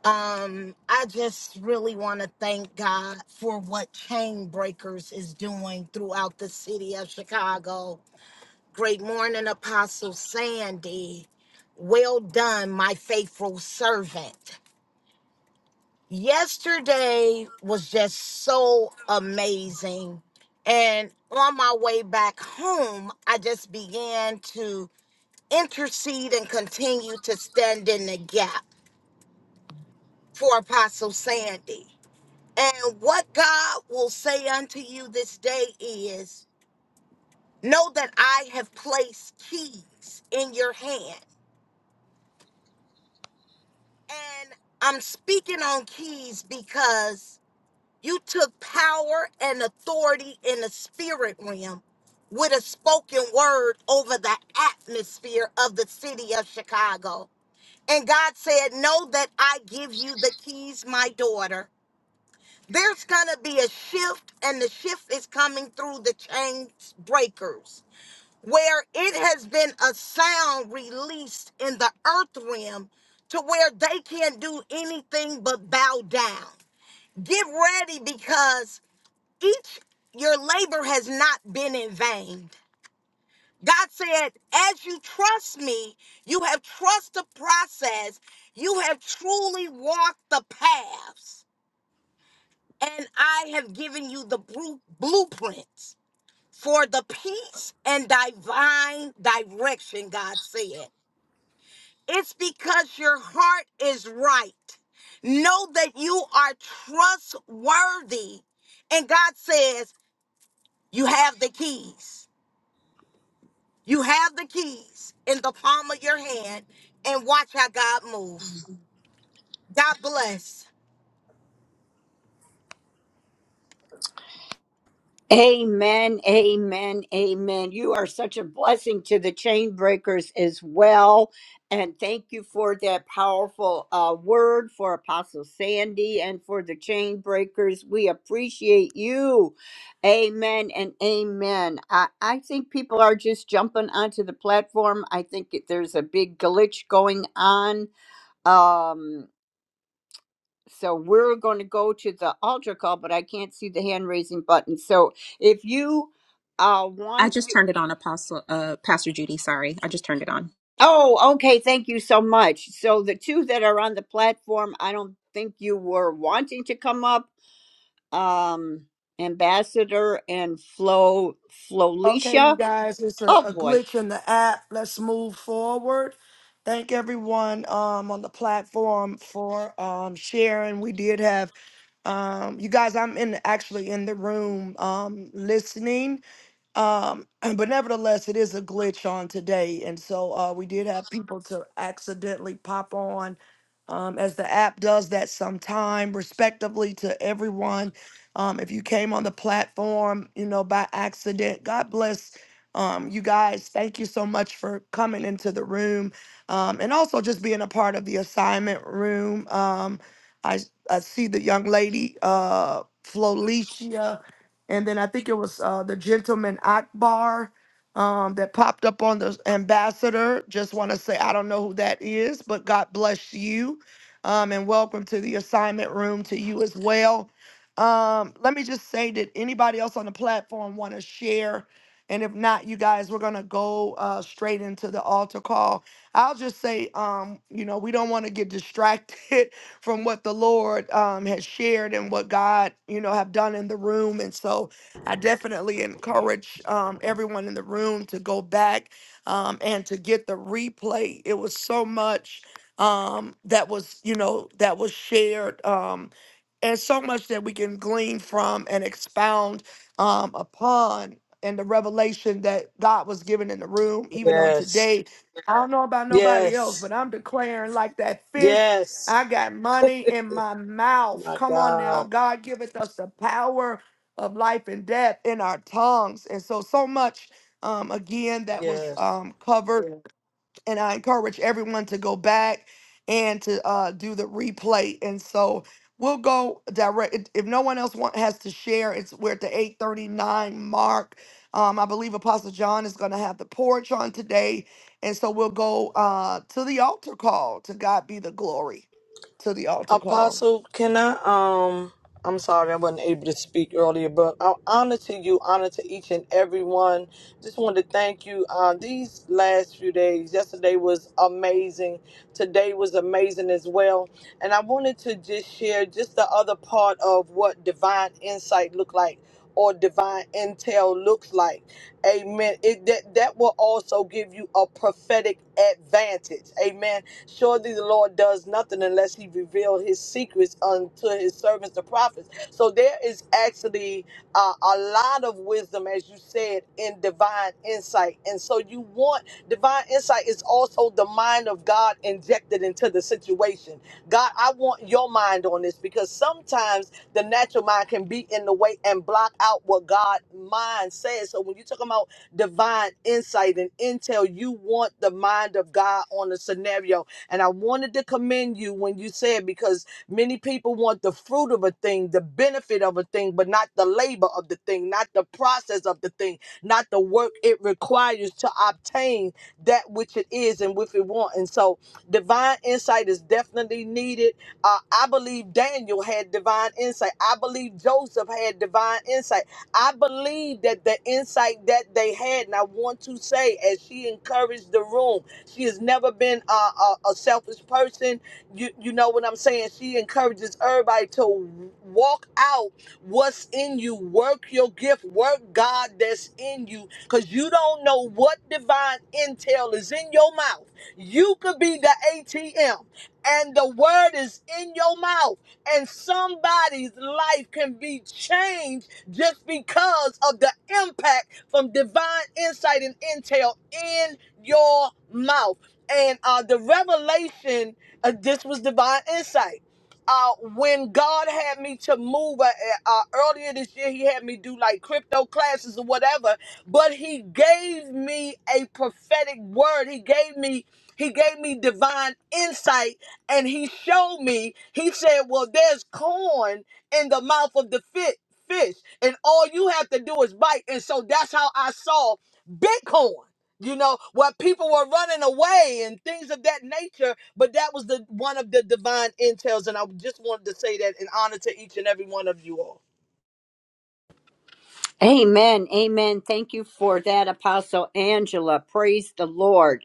O: Um, I just really want to thank God for what Chain Breakers is doing throughout the city of Chicago. Great morning, Apostle Sandy. Well done, my faithful servant. Yesterday was just so amazing. And on my way back home, I just began to intercede and continue to stand in the gap for Apostle Sandy. And what God will say unto you this day is know that I have placed keys in your hand. And I'm speaking on keys because you took power and authority in the spirit realm with a spoken word over the atmosphere of the city of Chicago. And God said, Know that I give you the keys, my daughter There's going to be a shift, and the shift is coming through the chain breakers, where it has been a sound released in the earth realm to where they can't do anything but bow down. Get ready because each your labor has not been in vain. God said, as you trust me, you have trust the process, you have truly walked the paths. and I have given you the bru- blueprints for the peace and divine direction, God said. It's because your heart is right. Know that you are trustworthy. And God says, You have the keys. You have the keys in the palm of your hand, and watch how God move. God bless.
B: Amen, amen, amen. You are such a blessing to the chain breakers as well. And thank you for that powerful uh, word for Apostle Sandy and for the chain breakers. We appreciate you. Amen and amen. I, I think people are just jumping onto the platform. I think that there's a big glitch going on. Um, so we're going to go to the altar call, but I can't see the hand raising button. So if you uh,
F: I
B: want
F: just
B: to,
F: turned it on, Apostle uh Pastor Judy, sorry. I just turned it on.
B: oh, okay, thank you so much. So the two that are on the platform, I don't think you were wanting to come up, um, Ambassador and Flo
A: Okay, you
B: Flolicia.
A: guys, it's a,
B: Oh
A: a
B: boy.
A: glitch in the app. Let's move forward. Thank everyone um, on the platform for um, sharing. We did have um, you guys. I'm in actually in the room um, listening. Um, *clears throat* but nevertheless, it is a glitch on today, and so uh, we did have people to accidentally pop on, um, as the app does that sometime. Respectively to everyone, um, if you came on the platform, you know by accident, God bless. Um, you guys, thank you so much for coming into the room, um, and also just being a part of the assignment room. Um, I I see the young lady, uh, Flolicia and then I think it was uh, the gentleman Akbar um, that popped up on the ambassador. Just want to say I don't know who that is, but God bless you, um, and welcome to the assignment room to you as well. Um, let me just say, did anybody else on the platform want to share? And if not, you guys, we're gonna go uh, straight into the altar call. I'll just say, um, you know, we don't want to get distracted *laughs* from what the Lord um, has shared and what God, you know, have done in the room. And so I definitely encourage um, everyone in the room to go back um, and to get the replay. It was so much um, that was, you know, that was shared. Um, and so much that we can glean from and expound um, upon and the revelation that God was given in the room, even on
G: Yes,
A: today. I don't know about nobody else,
G: yes,
A: but I'm declaring like that fish.
G: yes.
A: I got money in my mouth.
G: My
A: Come on now.
G: God,
A: God giveth us the power of life and death in our tongues. And so, so much um, again that was
G: yes.
A: um, covered and I encourage everyone to go back and to uh, do the replay. And so we'll go direct. If if no one else want, has to share, it's we're at the eight thirty nine mark. Um, I believe Apostle John is going to have the porch on today, and so we'll go uh, to the altar call. To God be the glory. To the altar call.
G: Apostle, can I? Um, I'm sorry I wasn't able to speak earlier, but I honor to you, honor to each and everyone. Just wanted to thank you. Uh, these last few days, yesterday was amazing. Today was amazing as well. And I wanted to just share just the other part of what divine insight look like or divine intel looks like. Amen. It that that will also give you a prophetic advantage. Amen Surely the Lord does nothing unless he reveal his secrets unto his servants, the prophets. So there is actually uh, a lot of wisdom, as you said, in divine insight. And so you want divine insight is also the mind of God injected into the situation. God, I want your mind on this because sometimes sometimes the natural mind can be in the way and block out what God mind says. So when you talk about divine insight and intel, you want the mind of God on the scenario. And I wanted to commend you when you said because many people want the fruit of a thing, the benefit of a thing, but not the labor of the thing, not the process of the thing, not the work it requires to obtain that which it is and which it want. And so divine insight is definitely needed uh, I believe Daniel had divine insight. I believe Joseph had divine insight. I believe that the insight that they had, and I want to say, as she encouraged the room, she has never been a, a, a selfish person. You, you know what I'm saying? She encourages everybody to walk out what's in you, work your gift, work God that's in you, because you don't know what divine intel is in your mouth. You could be the ATM and the word is in your mouth and somebody's life can be changed just because of the impact from divine insight and intel in your mouth and uh, the revelation uh, this was divine insight uh, when God had me to move uh, eh, uh, earlier this year, He had me do like crypto classes or whatever. But He gave me a prophetic word. He gave me He gave me divine insight and he showed me, he said, Well, there's corn in the mouth of the fit fish, and all you have to do is bite. And so that's how I saw Bitcoin. You know, where people were running away and things of that nature, but that was the one of the divine intels, and I just wanted to say that in honor to each and every one of you all.
B: Amen. Amen. Thank you for that, Apostle Angela. Praise the Lord.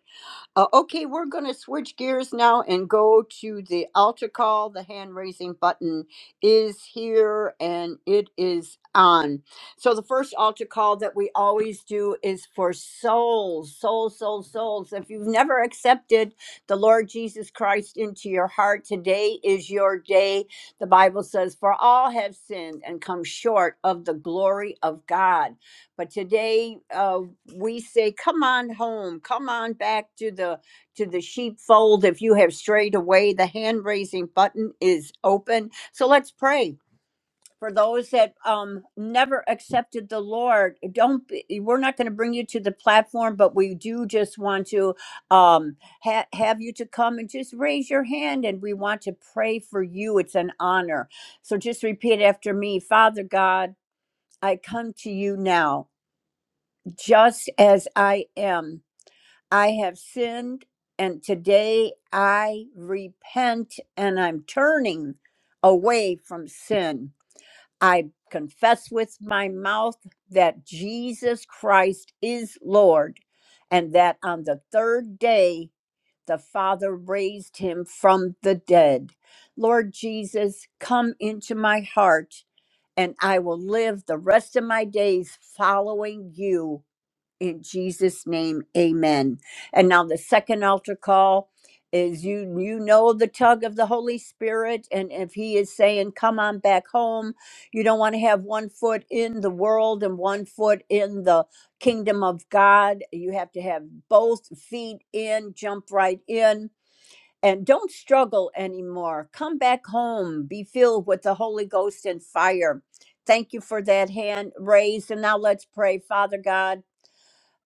B: Uh, okay, we're going to switch gears now and go to the altar call. The hand raising button is here and it is on. So, the first altar call that we always do is for souls, souls, souls, souls. If you've never accepted the Lord Jesus Christ into your heart, today is your day. The Bible says, For all have sinned and come short of the glory of God but today uh, we say come on home come on back to the to the sheepfold if you have strayed away the hand raising button is open so let's pray for those that um, never accepted the lord don't be, we're not going to bring you to the platform but we do just want to um, ha- have you to come and just raise your hand and we want to pray for you it's an honor so just repeat after me father god i come to you now just as I am. I have sinned, and today I repent and I'm turning away from sin. I confess with my mouth that Jesus Christ is Lord, and that on the third day the Father raised him from the dead. Lord Jesus, come into my heart, and I will live the rest of my days following you in Jesus' name, amen. And now the second altar call is you you know the tug of the Holy Spirit, and if he is saying, Come on back home, you don't want to have one foot in the world and one foot in the kingdom of God. You have to have both feet in, jump right in. And don't struggle anymore. Come back home. Be filled with the Holy Ghost and fire. Thank you for that hand raised. And now let's pray, Father God.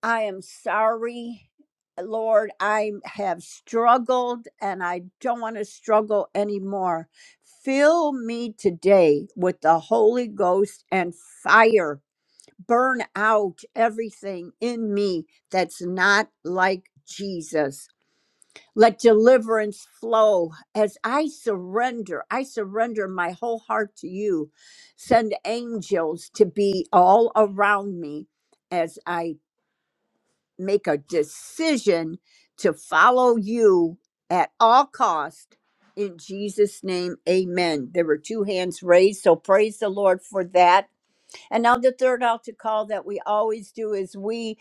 B: I am sorry, Lord. I have struggled and I don't want to struggle anymore. Fill me today with the Holy Ghost and fire. Burn out everything in me that's not like Jesus. Let deliverance flow as I surrender. I surrender my whole heart to you. Send angels to be all around me as I make a decision to follow you at all cost in Jesus name amen there were two hands raised so praise the lord for that and now the third altar call that we always do is we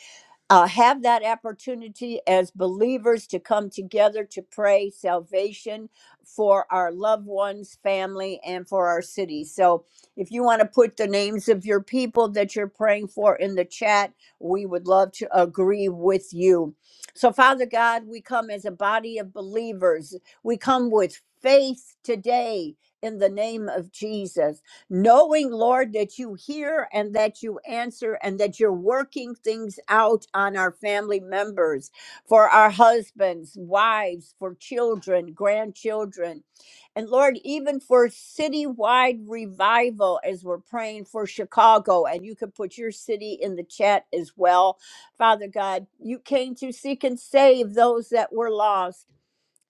B: uh, have that opportunity as believers to come together to pray salvation for our loved ones, family, and for our city. So, if you want to put the names of your people that you're praying for in the chat, we would love to agree with you. So, Father God, we come as a body of believers, we come with faith today. In the name of Jesus knowing, Lord, that you hear and that you answer and that you're working things out on our family members, for our husbands, wives, for children, grandchildren. And Lord, even for citywide revival, as we're praying for Chicago, and you can put your city in the chat as well. Father God, you came to seek and save those that were lost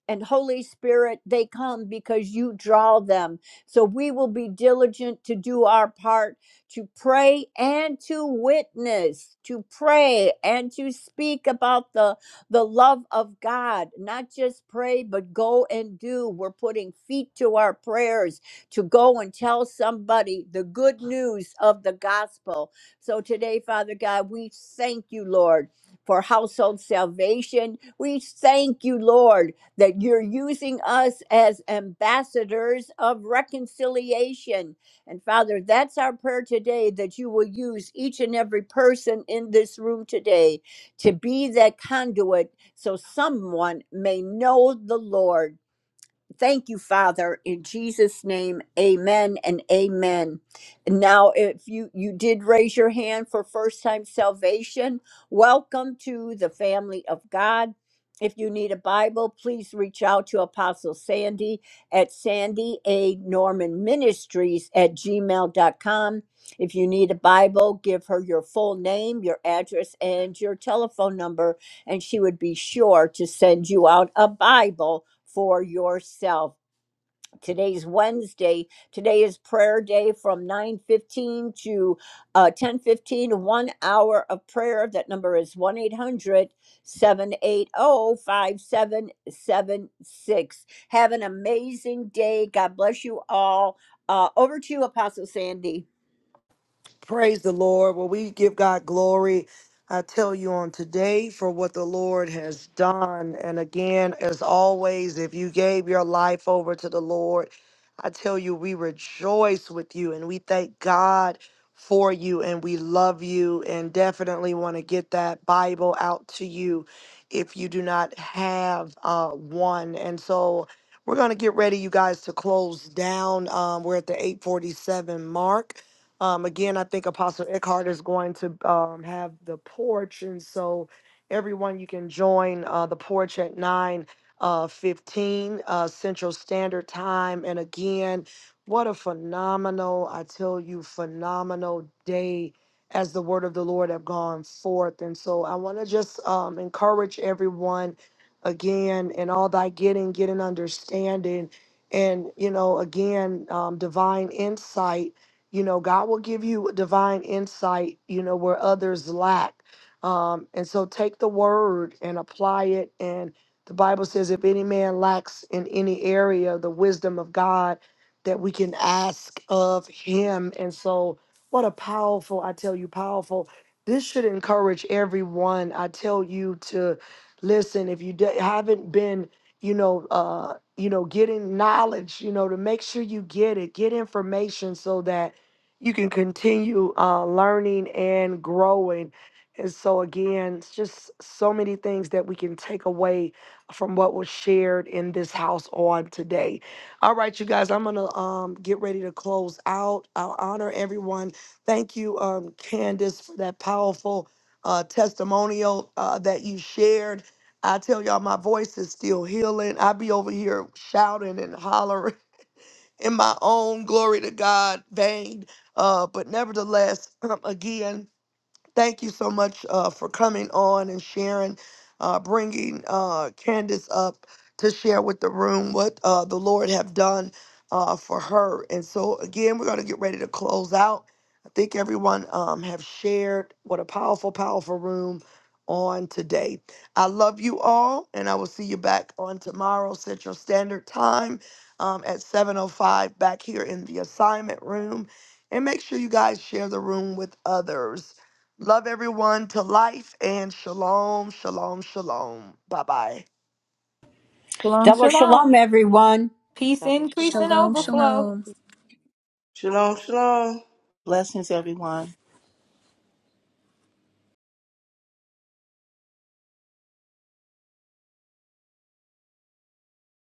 B: and Holy Spirit, they come because you draw them. So we will be diligent to do our part to pray and to witness, to pray and to speak about the, the love of God. Not just pray, but go and do. We're putting feet to our prayers to go and tell somebody the good news of the gospel. So today, Father God, we thank you, Lord, for household salvation. We thank you, Lord that you're using us as ambassadors of reconciliation. And Father, that's our prayer today that you will use each and every person in this room today to be that conduit so someone may know the Lord. Thank you, Father, in Jesus' name, amen and amen. And Now, if you, you did raise your hand for first time salvation, welcome to the family of God. If you need a Bible, please reach out to Apostle Sandy at Sandy A. Norman Ministries at gmail dot com. If you need a Bible, give her your full name, your address, and your telephone number and she would be sure to send you out a Bible for yourself. Today's Wednesday. Today is prayer day from 9:15 to uh, 10:15, one hour of prayer. That number is one eight hundred seven eight zero five seven seven six. Have an amazing day. God bless you all. Uh, over to you, Apostle Sandy.
A: Praise the Lord. Well, we give God glory. I tell you on today for what the Lord has done. And again, as always, if you gave your life over to the Lord, I tell you, we rejoice with you and we thank God for you and we love you and definitely want to get that Bible out to you if you do not have uh, one. And so we're going to get ready, you guys, to close down. Um, we're at the 847 mark. Um, again, I think Apostle Eckhart is going to um, have the porch, and so everyone you can join uh, the porch at nine uh, fifteen uh, Central Standard Time. And again, what a phenomenal, I tell you, phenomenal day as the word of the Lord have gone forth. And so I want to just um, encourage everyone again in all thy getting, getting understanding, and you know, again, um, divine insight you know, God will give you divine insight, you know, where others lack. Um, and so take the word and apply it. And the Bible says, if any man lacks in any area the wisdom of God, that we can ask of him. And so, what a powerful, I tell you, powerful. This should encourage everyone, I tell you, to listen. If you d- haven't been, you know, uh, you know, getting knowledge, you know, to make sure you get it, get information so that you can continue uh, learning and growing. And so, again, it's just so many things that we can take away from what was shared in this house on today. All right, you guys, I'm going to um, get ready to close out. I'll honor everyone. Thank you, um, Candace, for that powerful uh, testimonial uh, that you shared. I tell y'all, my voice is still healing. I be over here shouting and hollering in my own glory to God vein. Uh, but nevertheless, *clears throat* again, Thank you so much uh, for coming on and sharing, uh, bringing uh, Candace up to share with the room what uh, the Lord have done uh, for her. And so again, we're going to get ready to close out. I think everyone um, have shared what a powerful, powerful room on today. I love you all, and I will see you back on tomorrow Central Standard Time um, at 7:05 back here in the assignment room. And make sure you guys share the room with others. Love everyone to life and shalom, shalom, shalom. Bye bye.
P: Shalom,
B: Double shalom,
P: shalom.
B: everyone.
P: Peace,
H: Double
P: increase,
H: shalom.
P: and
F: Shalom,
P: overflow.
F: shalom.
N: Shalom, shalom.
C: Blessings, everyone.